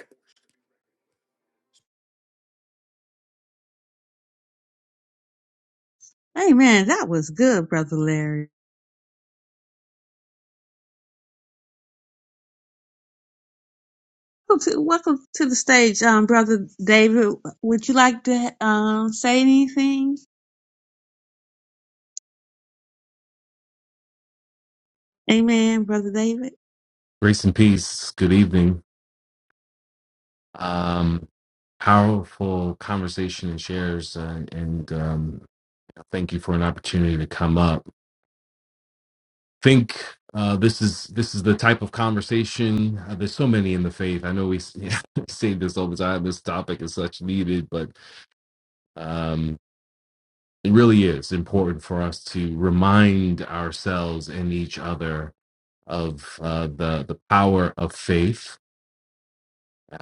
Speaker 1: Amen. That was good, Brother Larry. Welcome to, welcome to the stage, um, Brother David. Would you like to um, say anything? Amen, Brother David.
Speaker 5: Grace and peace. Good evening. Um, powerful conversation and shares, uh, and um, thank you for an opportunity to come up. Think uh, this is this is the type of conversation. Uh, there's so many in the faith. I know we s- (laughs) say this all the time. This topic is such needed, but um, it really is important for us to remind ourselves and each other of uh, the the power of faith Uh,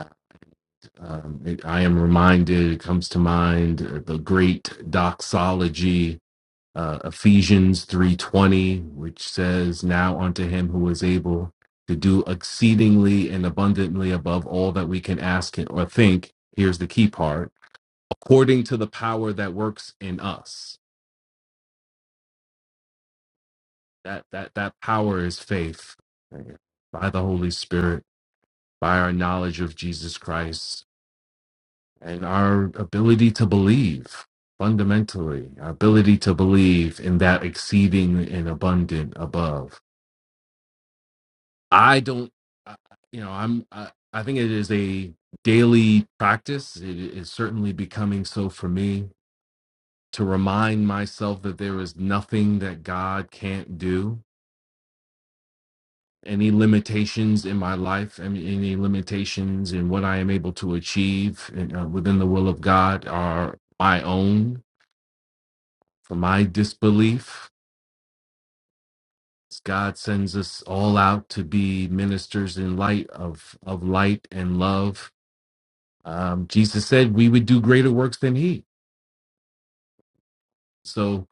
Speaker 5: Um, it, I am reminded, it comes to mind uh, the great doxology, uh, Ephesians 3.20, which says, Now unto him who is able to do exceedingly and abundantly above all that we can ask or think. Here's the key part. According to the power that works in us. That, that, that power is faith right? by the Holy Spirit, by our knowledge of Jesus Christ, and our ability to believe fundamentally our ability to believe in that exceeding and abundant above i don't I- you know i'm I, I think it is a daily practice it is certainly becoming so for me to remind myself that there is nothing that god can't do any limitations in my life and any limitations in what i am able to achieve in, uh, within the will of god are my own for my disbelief. God sends us all out to be ministers in light of of light and love. Um, Jesus said we would do greater works than He. So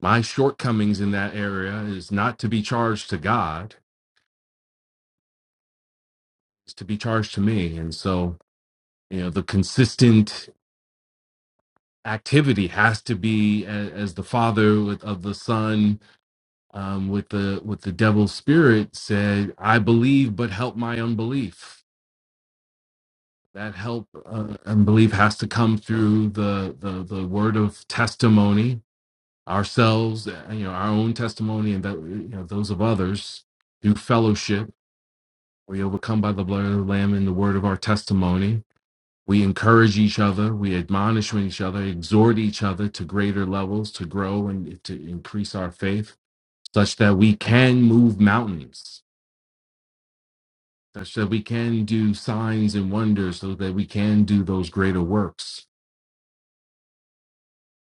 Speaker 5: my shortcomings in that area is not to be charged to God; it's to be charged to me. And so, you know, the consistent activity has to be a- as the Father with, of the Son um, with the with the devil's spirit said, "I believe, but help my unbelief." that help uh, and belief has to come through the, the the word of testimony ourselves uh, you know our own testimony and that uh, you know those of others through fellowship we overcome by the blood of the lamb and the word of our testimony we encourage each other we admonish one each other exhort each other to greater levels to grow and to increase our faith such that we can move mountains such that we can do signs and wonders so that we can do those greater works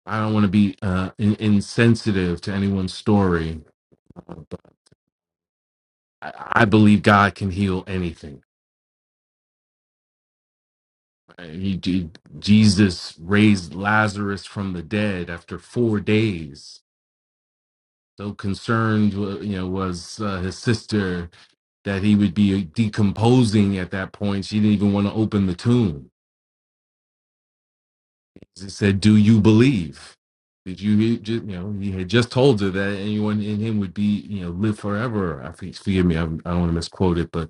Speaker 5: I don't want to be uh, in- insensitive to anyone's story, uh, but I-, I believe God can heal anything. right? He, he- Jesus raised Lazarus from the dead after four days. So concerned, wa- you know, was uh, his sister that he would be decomposing at that point. She didn't even want to open the tomb. He said, "Do you believe?" Did you, you ju- you know, he had just told her that anyone in him would be, you know, live forever. I think, forgive me, I, I don't want to misquote it, but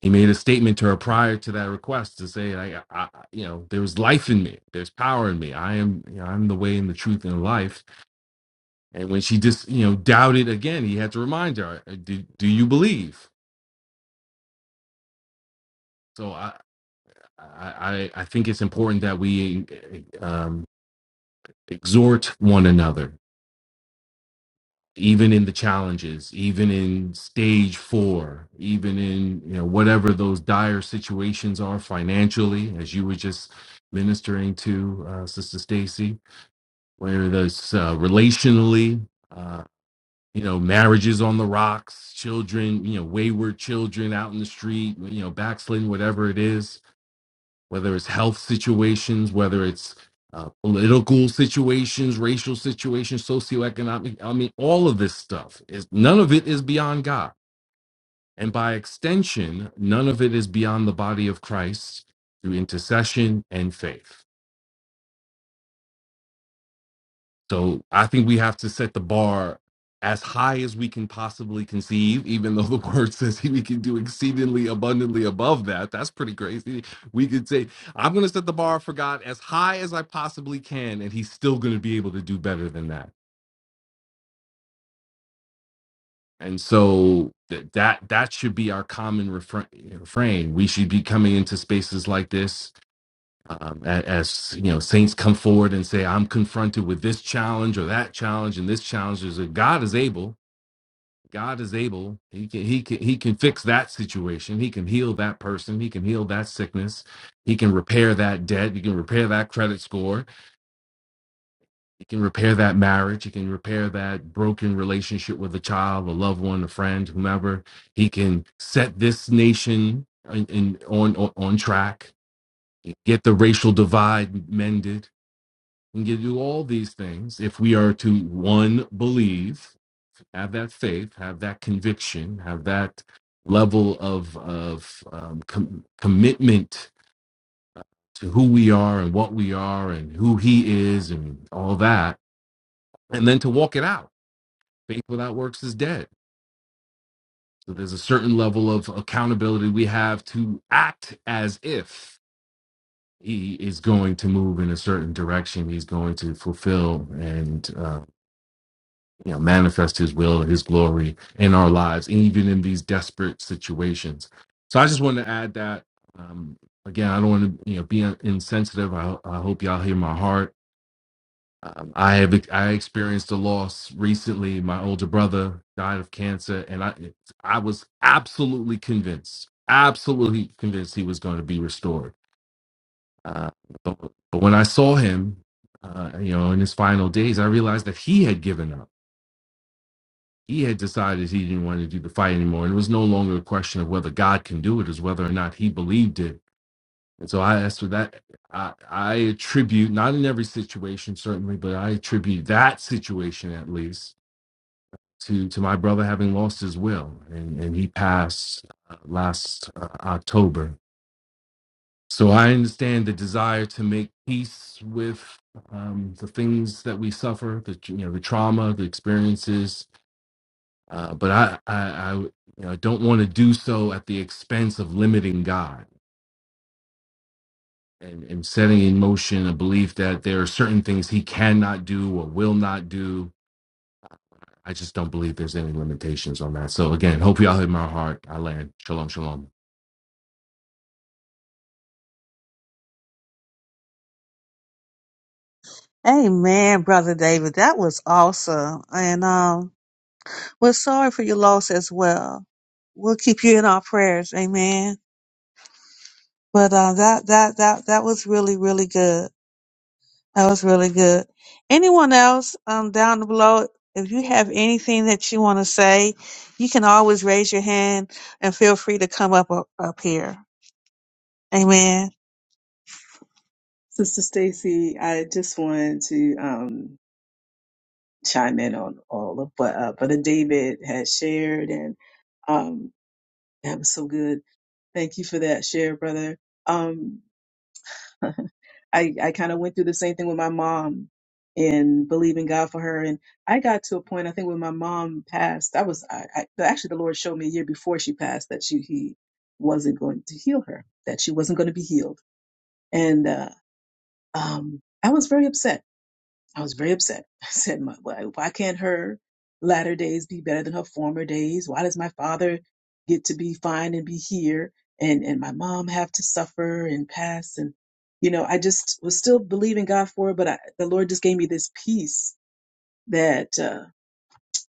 Speaker 5: He made a statement to her prior to that request to say, like, I, I- you know, there was life in me. There's power in me. I am, you know, I'm the way and the truth and life. And when she just, you know, doubted again, he had to remind her, "Uh, do, do you believe? So I, I, I I think it's important that we um, exhort one another even in the challenges, even in stage four, even in you know whatever those dire situations are financially, as you were just ministering to uh, Sister Stacy, whether that's uh, relationally, uh, you know, marriages on the rocks, children, you know, wayward children out in the street, you know, backsliding, whatever it is whether it's health situations, whether it's uh, political situations, racial situations, socioeconomic. I mean, all of this stuff is none of it is beyond God. And by extension, none of it is beyond the body of Christ through intercession and faith. So I think we have to set the bar as high as we can possibly conceive, even though the (laughs) word says we can do exceedingly abundantly above that. That's pretty crazy. We could say, I'm going to set the bar for God as high as I possibly can, and He's still going to be able to do better than that. And so th- that that should be our common refra- eh, refrain. We should be coming into spaces like this um, a- as you know saints come forward and say i'm confronted with this challenge or that challenge and this challenge is that god is able God is able. He can he can he can fix that situation. He can heal that person. He can heal that sickness. He can repair that debt. He can repair that credit score. He can repair that marriage. He can repair that broken relationship with a child, a loved one, a friend, whomever. He can set this nation in, in, on, on on track. Get the racial divide mended. And can do all these things if we are to one believe have that faith, have that conviction, have that level of of um, com- commitment to who we are and what we are and who He is and all that, and then to walk it out. Faith without works is dead. So there's a certain level of accountability we have to act as if He is going to move in a certain direction. He's going to fulfill and uh, you know, manifest his will and his glory in our lives, and even in these desperate situations. So I just wanted to add that. Um, again, I don't want to, you know, be insensitive. I, I hope y'all hear my heart. Um, I have I experienced a loss recently. My older brother died of cancer, and I I was absolutely convinced, absolutely convinced he was going to be restored. Uh, but, but when I saw him, uh, you know, in his final days, I realized that he had given up he had decided he didn't want to do the fight anymore. And it was no longer a question of whether God can do it, it whether or not he believed it. And so I asked for that. I, I attribute, not in every situation, certainly, but I attribute that situation at least to, to my brother having lost his will. And, and he passed uh, last uh, October. So I understand the desire to make peace with um, the things that we suffer, the you know the trauma, the experiences, Uh, but I, I, I you know, don't want to do so at the expense of limiting God and, and setting in motion a belief that there are certain things He cannot do or will not do. I just don't believe there's any limitations on that. So again, hope y'all hit my heart. I land. Shalom, shalom.
Speaker 1: Amen, Brother David. That was awesome. And um, we're sorry for your loss as well. We'll keep you in our prayers. Amen. But uh, that, that, that, that was really, really good. That was really good. Anyone else um, down below, if you have anything that you want to say, you can always raise your hand and feel free to come up up here. Amen.
Speaker 2: Sister Stacy, I just wanted to um, chime in on all of what uh, Brother David had shared, and um, that was so good. Thank you for that share, brother. Um, (laughs) I, I kind of went through the same thing with my mom and believing God for her. And I got to a point, I think when my mom passed, I was, I, I actually the Lord showed me a year before she passed that she, he wasn't going to heal her, that she wasn't going to be healed. And, uh, um, I was very upset I was very upset. (laughs) I said, "My- why, why can't her latter days be better than her former days? Why does my father get to be fine and be here and, and my mom have to suffer and pass? And, you know, I just was still believing God for it, but I, the Lord just gave me this peace that uh,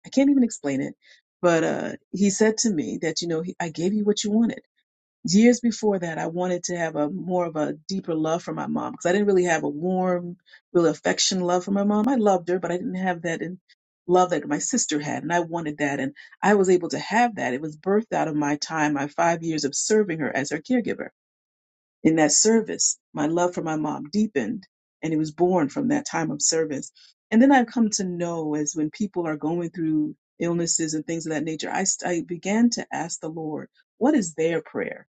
Speaker 2: I can't even explain it. But uh, he said to me that, you know, he, I gave you what you wanted years before that, I wanted to have a more of a deeper love for my mom because I didn't really have a warm, real affection love for my mom. I loved her, but I didn't have that in love that my sister had, and I wanted that, and I was able to have that. It was birthed out of my time, my five years of serving her as her caregiver. In that service, my love for my mom deepened, and it was born from that time of service. And then I've come to know as when people are going through illnesses and things of that nature, I, I began to ask the Lord, what is their prayer?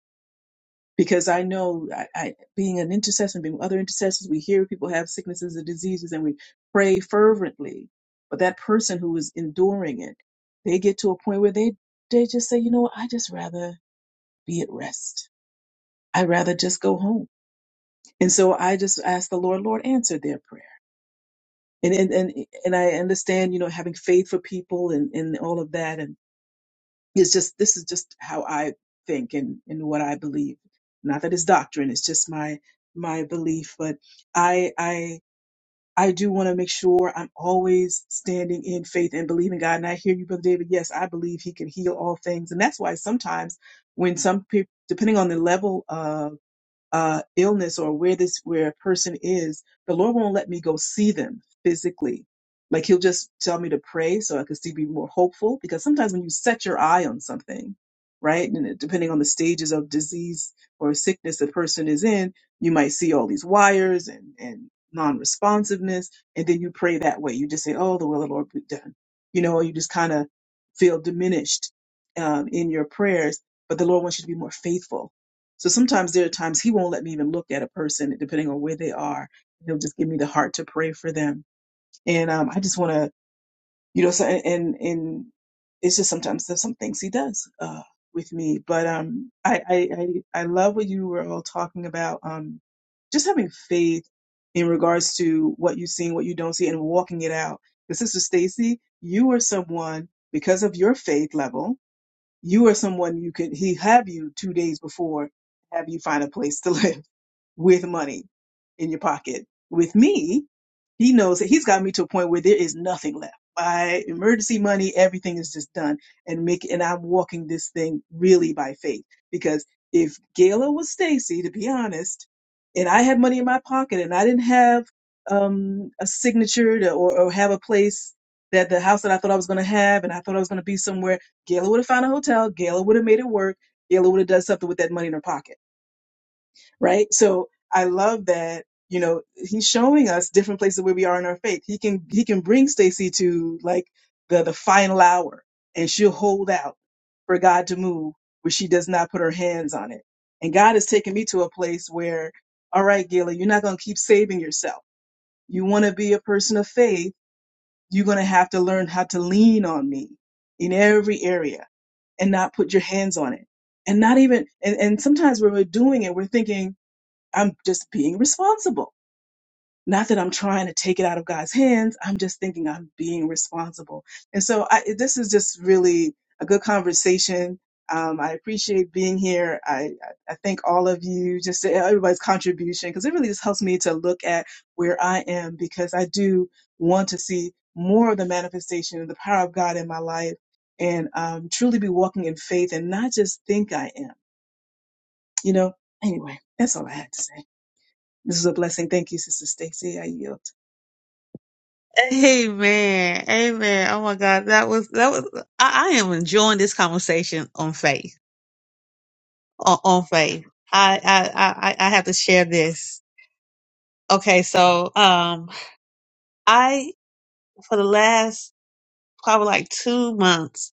Speaker 2: because I know I, I, being an intercessor, and being with other intercessors, we hear people have sicknesses and diseases and we pray fervently. But that person who is enduring it, they get to a point where they, they just say, you know what, I just rather be at rest. I'd rather just go home. And so I just ask the Lord, Lord, answer their prayer. And, and, and, and I understand, you know, having faith for people and, and all of that. and. it's just this is just how I think and and what I believe. Not that it's doctrine; it's just my my belief. But I I I do want to make sure I'm always standing in faith and believing God. And I hear you, Brother David. Yes, I believe He can heal all things, and that's why sometimes when some people, depending on the level of uh, illness or where this where a person is, the Lord won't let me go see them physically. Like He'll just tell me to pray so I can still be more hopeful. Because sometimes when you set your eye on something, right, and it- depending on the stages of disease or sickness the person is in, you might see all these wires and and non-responsiveness, and then you pray that way. You just say, "Oh, the will of the Lord be done," you know, or you just kind of feel diminished um, in your prayers. But the Lord wants you to be more faithful so sometimes there are times he won't let me even look at a person, depending on where they are. He'll just give me the heart to pray for them. And um, I just want to, you know, so and, and it's just sometimes there's some things he does uh, with me. But um, I, I I I love what you were all talking about. Um, just having faith in regards to what you see and what you don't see, and walking it out. Because Sister Stacy, you are someone because of your faith level you are someone you could he have you two days before have you find a place to (laughs) live with money in your pocket. With me, he knows that he's got me to a point where there is nothing left. My emergency money, everything is just done, and make and I'm walking this thing really by faith because if Gayla was Stacy, to be honest, and I had money in my pocket and I didn't have um, a signature to, or, or have a place that the house that I thought I was going to have and I thought I was going to be somewhere, Gayla would have found a hotel. Gayla would have made it work. Gayla would have done something with that money in her pocket right? So I love that, you know, he's showing us different places where we are in our faith. He can he can bring Stacy to like the the final hour and she'll hold out for God to move where she does not put her hands on it. And God has taken me to a place where, all right, Gayla, you're not gonna keep saving yourself. You wanna be a person of faith, you're gonna have to learn how to lean on me in every area and not put your hands on it. And not even and, and sometimes when we're doing it, we're thinking, I'm just being responsible. Not that I'm trying to take it out of God's hands. I'm just thinking I'm being responsible. And so I, this is just really a good conversation. Um, I appreciate being here. I, I I thank all of you, just everybody's contribution, because it really just helps me to look at where I am because I do want to see more of the manifestation of the power of God in my life and um, truly be walking in faith and not just think I am. You know, anyway, that's all I had to say. This is a blessing. Thank you, Sister Stacy. I yield.
Speaker 1: Amen. Amen. Oh my God. That was, that was, I, I am enjoying this conversation on faith, on, on faith. I, I, I, I I have to share this. Okay. So, um, I, for the last probably like two months,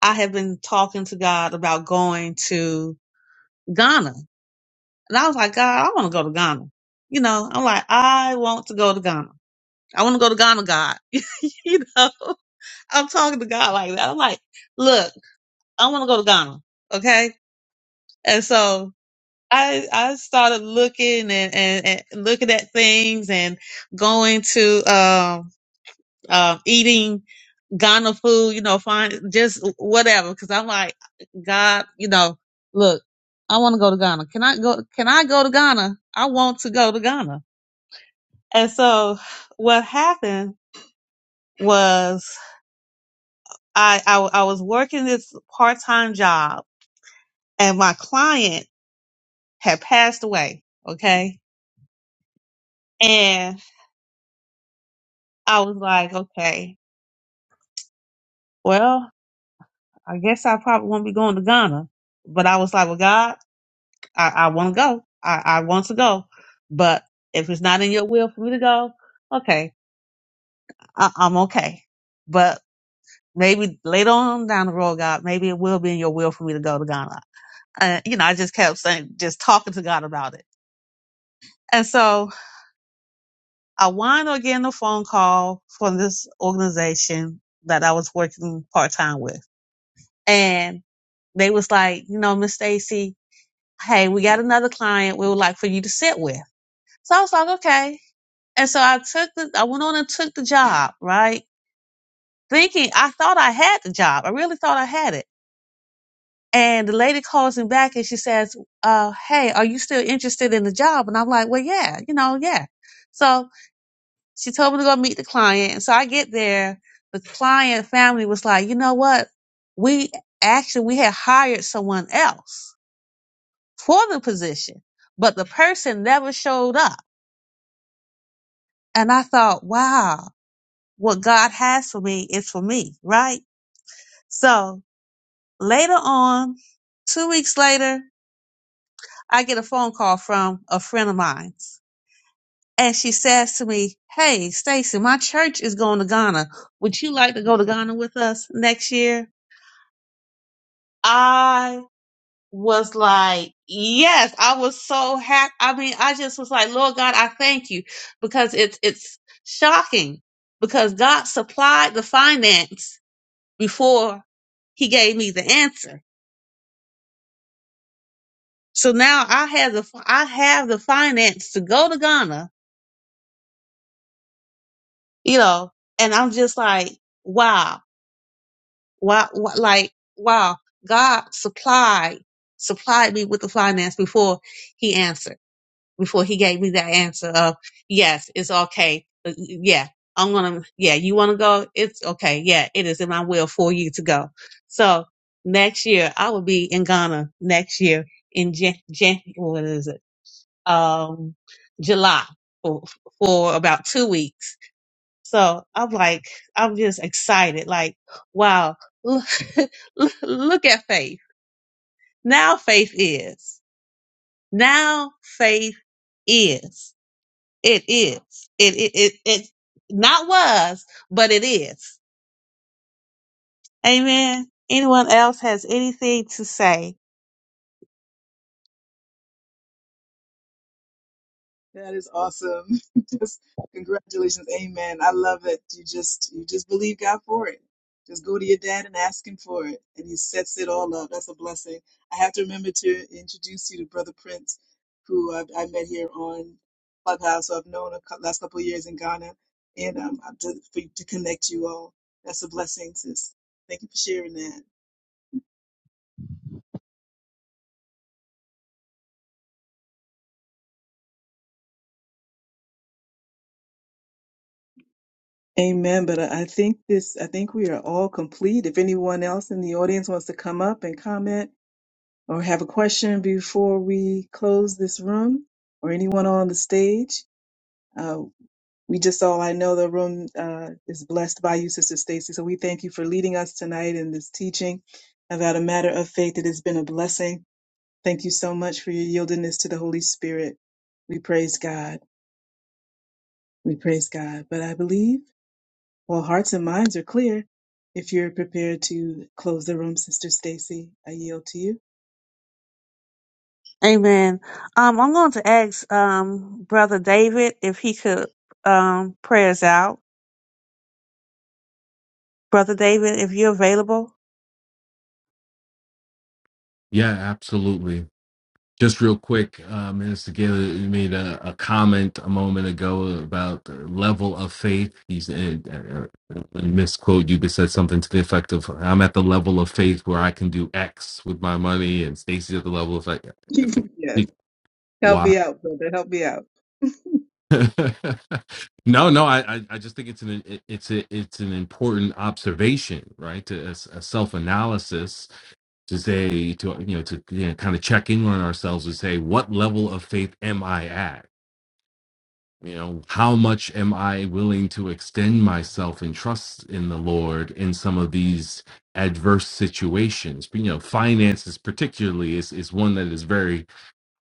Speaker 1: I have been talking to God about going to Ghana. And I was like, God, I want to go to Ghana. You know, I'm like, I want to go to Ghana. I want to go to Ghana, God. (laughs) you know, I'm talking to God like that. I'm like, look. I want to go to Ghana. Okay. And so I, I started looking and, and, and looking at things and going to, um, uh, eating Ghana food, you know, find just whatever. Cause I'm like, God, you know, look, I want to go to Ghana. Can I go, can I go to Ghana? I want to go to Ghana. And so what happened was I, I, I was working this part-time job and my client had passed away. Okay And I was like, okay, well, I guess I probably won't be going to Ghana. But I was like, well, God, I, I want to go. I, I want to go. But if it's not in your will for me to go, okay, I, I'm okay. But maybe later on down the road, God, maybe it will be in your will for me to go to Ghana. And, you know, I just kept saying, just talking to God about it. And so I wound up getting a phone call from this organization that I was working part time with and they was like, you know, Miss Stacy, hey, we got another client we would like for you to sit with. So I was like, okay. And so I took the, I went on and took the job, right? Thinking I thought I had the job. I really thought I had it. And the lady calls me back and she says, uh, hey, are you still interested in the job? And I'm like, well, yeah, you know, yeah. So she told me to go meet the client. And so I get there. The client family was like, you know what? We actually, we had hired someone else for the position, but the person never showed up. And I thought, wow, what God has for me is for me, right? So later on, two weeks later, I get a phone call from a friend of mine. And she says to me, Hey, Stacy, my church is going to Ghana. Would you like to go to Ghana with us next year? I was like, yes, I was so happy. I mean, I just was like, Lord God, I thank you because it's it's shocking because God supplied the finance before He gave me the answer. So now I have the I have the finance to go to Ghana, you know, and I'm just like, wow, wow, wow like wow, God supplied supplied me with the finance before He answered. before he gave me that answer of yes, it's okay. Uh, Yeah, I'm gonna. Yeah, you want to go? It's okay. Yeah, it is in my will for you to go. So next year I will be in Ghana. Next year in Jan, Jan what is it? Um, July for for about two weeks. So I'm like, I'm just excited. Like, wow, (laughs) look, look at faith. Now faith is. Now faith is. It is. It it it it not was, but it is. Amen. Anyone else has anything to say?
Speaker 2: That is awesome. (laughs) just congratulations. Amen. I love it. You just you just believe God for it. Just go to your dad and ask him for it. And he sets it all up. That's a blessing. I have to remember to introduce you to Brother Prince, who I, I met here on Clubhouse, who I've known the last couple of years in Ghana, and um, I- to, for, to connect you all. That's a blessing, sis. Thank you for sharing that. Amen. But I I think this, I think we are all complete. If anyone else in the audience wants to come up and comment or have a question before we close this room or anyone on the stage, uh, we just all, I know the room uh, is blessed by you, Sister Stacy. So we thank you for leading us tonight in this teaching about a matter of faith. It has been a blessing. Thank you so much for your yieldingness to the Holy Spirit. We praise God. We praise God. But I believe. Well, hearts and minds are clear. If you're prepared to close the room, Sister Stacy, I yield to you.
Speaker 1: Amen. Um, I'm going to ask um Brother David if he could um pray us out. Brother David, if you're available.
Speaker 5: Yeah, absolutely. Just real quick, uh, Minister Gaylor you made a, a comment a moment ago about the level of faith. He's uh, uh, uh, misquote you, but said something to the effect of, "I'm at the level of faith where I can do X with my money," and Stacy's at the level of like, F-
Speaker 2: (laughs) yes. Help
Speaker 5: Y.
Speaker 2: me out, brother. Help me out. (laughs)
Speaker 5: (laughs) no, no, I, I I just think it's an it's a it's an important observation, right? To a, self analysis to say to you know to you know, kind of check in on ourselves and say, what level of faith am I at? you know how much am i willing to extend myself and trust in the lord in some of these adverse situations you know finances particularly is is one that is very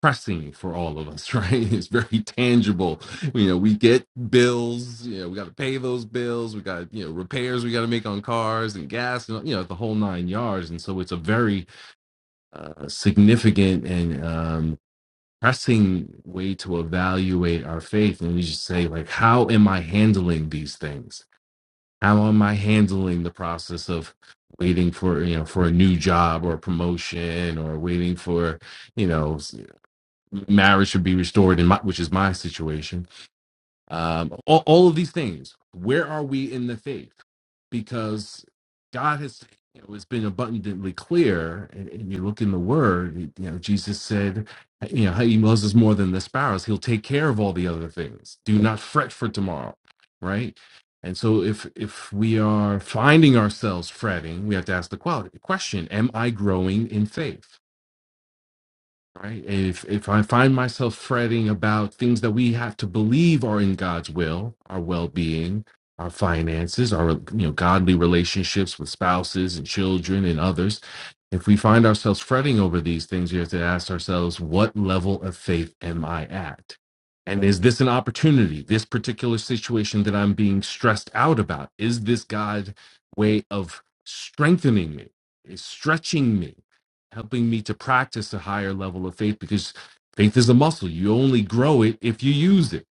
Speaker 5: pressing for all of us (laughs) right it's very tangible you know we get bills you know we got to pay those bills we got you know repairs we got to make on cars and gas and you know the whole nine yards and so it's a very uh, significant and um, pressing way to evaluate our faith and we just say like how am i handling these things how am i handling the process of waiting for you know for a new job or a promotion or waiting for you know s- marriage to be restored in my which is my situation um, all, all of these things. Where are we in the faith? Because God has you know, it's been abundantly clear, and, and you look in the Word. You know, Jesus said, "You know, he loves us more than the sparrows. He'll take care of all the other things. Do not fret for tomorrow." Right. And so, if if we are finding ourselves fretting, we have to ask the quality, question: Am I growing in faith? right if if i find myself fretting about things that we have to believe are in god's will our well-being our finances our you know godly relationships with spouses and children and others if we find ourselves fretting over these things we have to ask ourselves what level of faith am i at and is this an opportunity this particular situation that i'm being stressed out about is this god's way of strengthening me is stretching me helping me to practice a higher level of faith because faith is a muscle. You only grow it if you use it.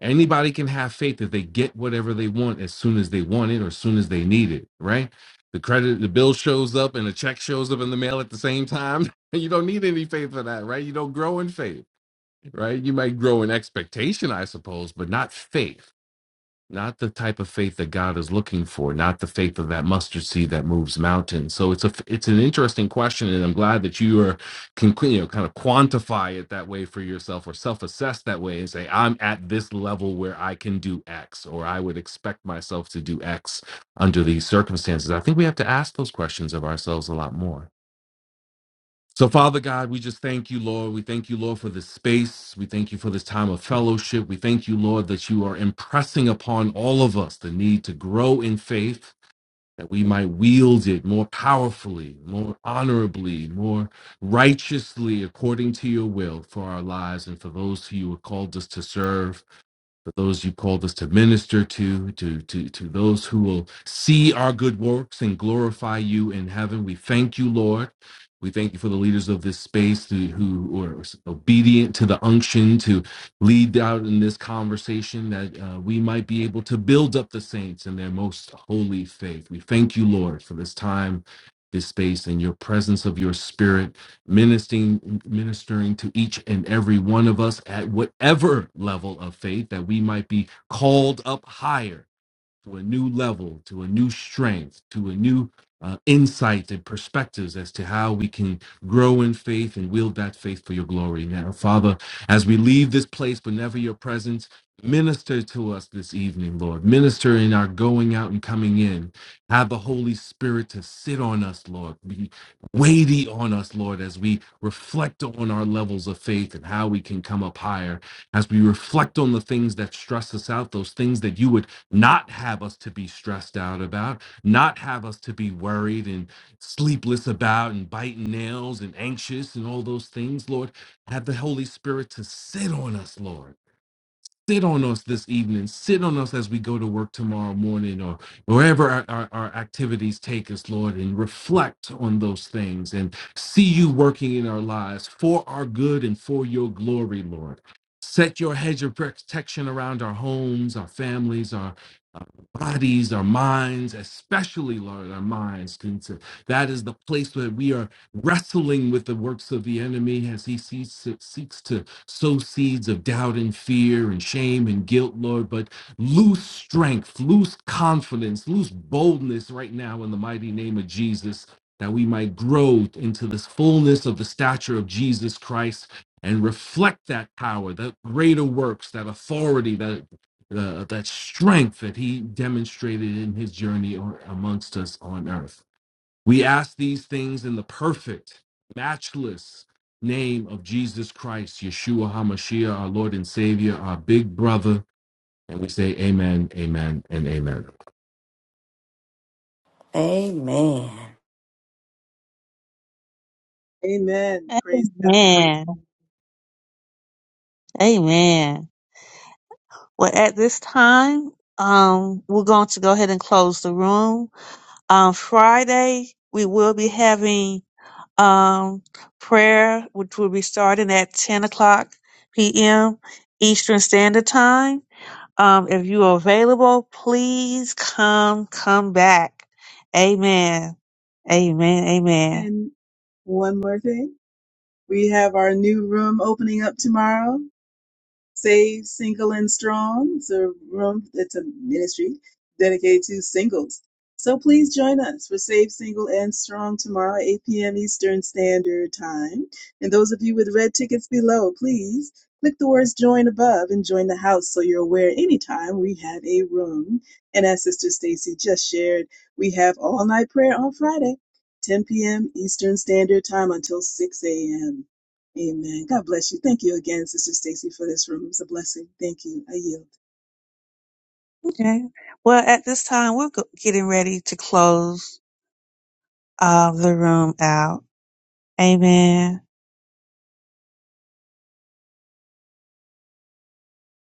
Speaker 5: Anybody can have faith that they get whatever they want as soon as they want it or as soon as they need it, right? The credit, the bill shows up and a check shows up in the mail at the same time. (laughs) You don't need any faith for that, right? You don't grow in faith, right? You might grow in expectation, I suppose, but not faith not the type of faith that God is looking for, not the faith of that mustard seed that moves mountains. So it's a it's an interesting question, and I'm glad that you are can you know kind of quantify it that way for yourself or self-assess that way and say I'm at this level where I can do X or I would expect myself to do X under these circumstances. I think we have to ask those questions of ourselves a lot more. So, Father God, we just thank you, Lord. We thank you, Lord, for this space. We thank you for this time of fellowship. We thank you, Lord, that you are impressing upon all of us the need to grow in faith, that we might wield it more powerfully, more honorably, more righteously, according to your will for our lives and for those who you have called us to serve for those you called us to minister to, to, to, to those who will see our good works and glorify you in heaven. We thank you, Lord. We thank you for the leaders of this space who, who are obedient to the unction to lead out in this conversation that uh, we might be able to build up the saints in their most holy faith. We thank you, Lord, for this time, this space, and your presence of your spirit ministering ministering to each and every one of us at whatever level of faith that we might be called up higher to a new level, to a new strength, to a new uh, insight and perspectives as to how we can grow in faith and wield that faith for your glory. Now, Father, as we leave this place, but never your presence, minister to us this evening, Lord. Minister in our going out and coming in. Have the Holy Spirit to sit on us, Lord. Be weighty on us, Lord, as we reflect on our levels of faith and how we can come up higher as we reflect on the things that stress us out, those things that you would not have us to be stressed out about, not have us to be worried and sleepless about and biting nails and anxious and all those things, Lord. Have the Holy Spirit to sit on us, Lord sit on us this evening sit on us as we go to work tomorrow morning or wherever our, our, our activities take us lord and reflect on those things and see you working in our lives for our good and for your glory lord set your hedge of protection around our homes our families our uh, bodies our minds especially lord our minds Since that is the place where we are wrestling with the works of the enemy as he sees, seeks to sow seeds of doubt and fear and shame and guilt, Lord, but loose strength, loose confidence, loose boldness right now in the mighty name of Jesus, that we might grow into this fullness of the stature of Jesus Christ and reflect that power, that greater works, that authority, that uh, that strength that he demonstrated in his journey or amongst us on earth. We ask these things in the perfect, matchless name of Jesus Christ, Yeshua HaMashiach, our Lord and Savior, our big brother. And we say, Amen, Amen, and Amen.
Speaker 3: Amen.
Speaker 2: Amen. Praise God.
Speaker 1: Amen. Amen. Well, at this time, um, we're going to go ahead and close the room. On Friday, we will be having um, prayer, which will be starting at 10 o'clock p.m. Eastern Standard Time. Um, if you are available, please come, come back. Amen. Amen. Amen.
Speaker 2: And one more thing. We have our new room opening up tomorrow. Save Single and Strong. It's a room, it's a ministry dedicated to singles. So please join us for Save Single and Strong tomorrow, 8 p.m. Eastern Standard Time. And those of you with red tickets below, please click the words join above and join the house so you're aware anytime we have a room. And as Sister Stacy just shared, we have all night prayer on Friday, 10 p.m. Eastern Standard Time until 6 a.m. Amen. God bless you. Thank you again, Sister Stacy, for this room. It was a blessing. Thank you. I yield.
Speaker 1: Okay. Well, at this time, we're go- getting ready to close uh, the room out. Amen.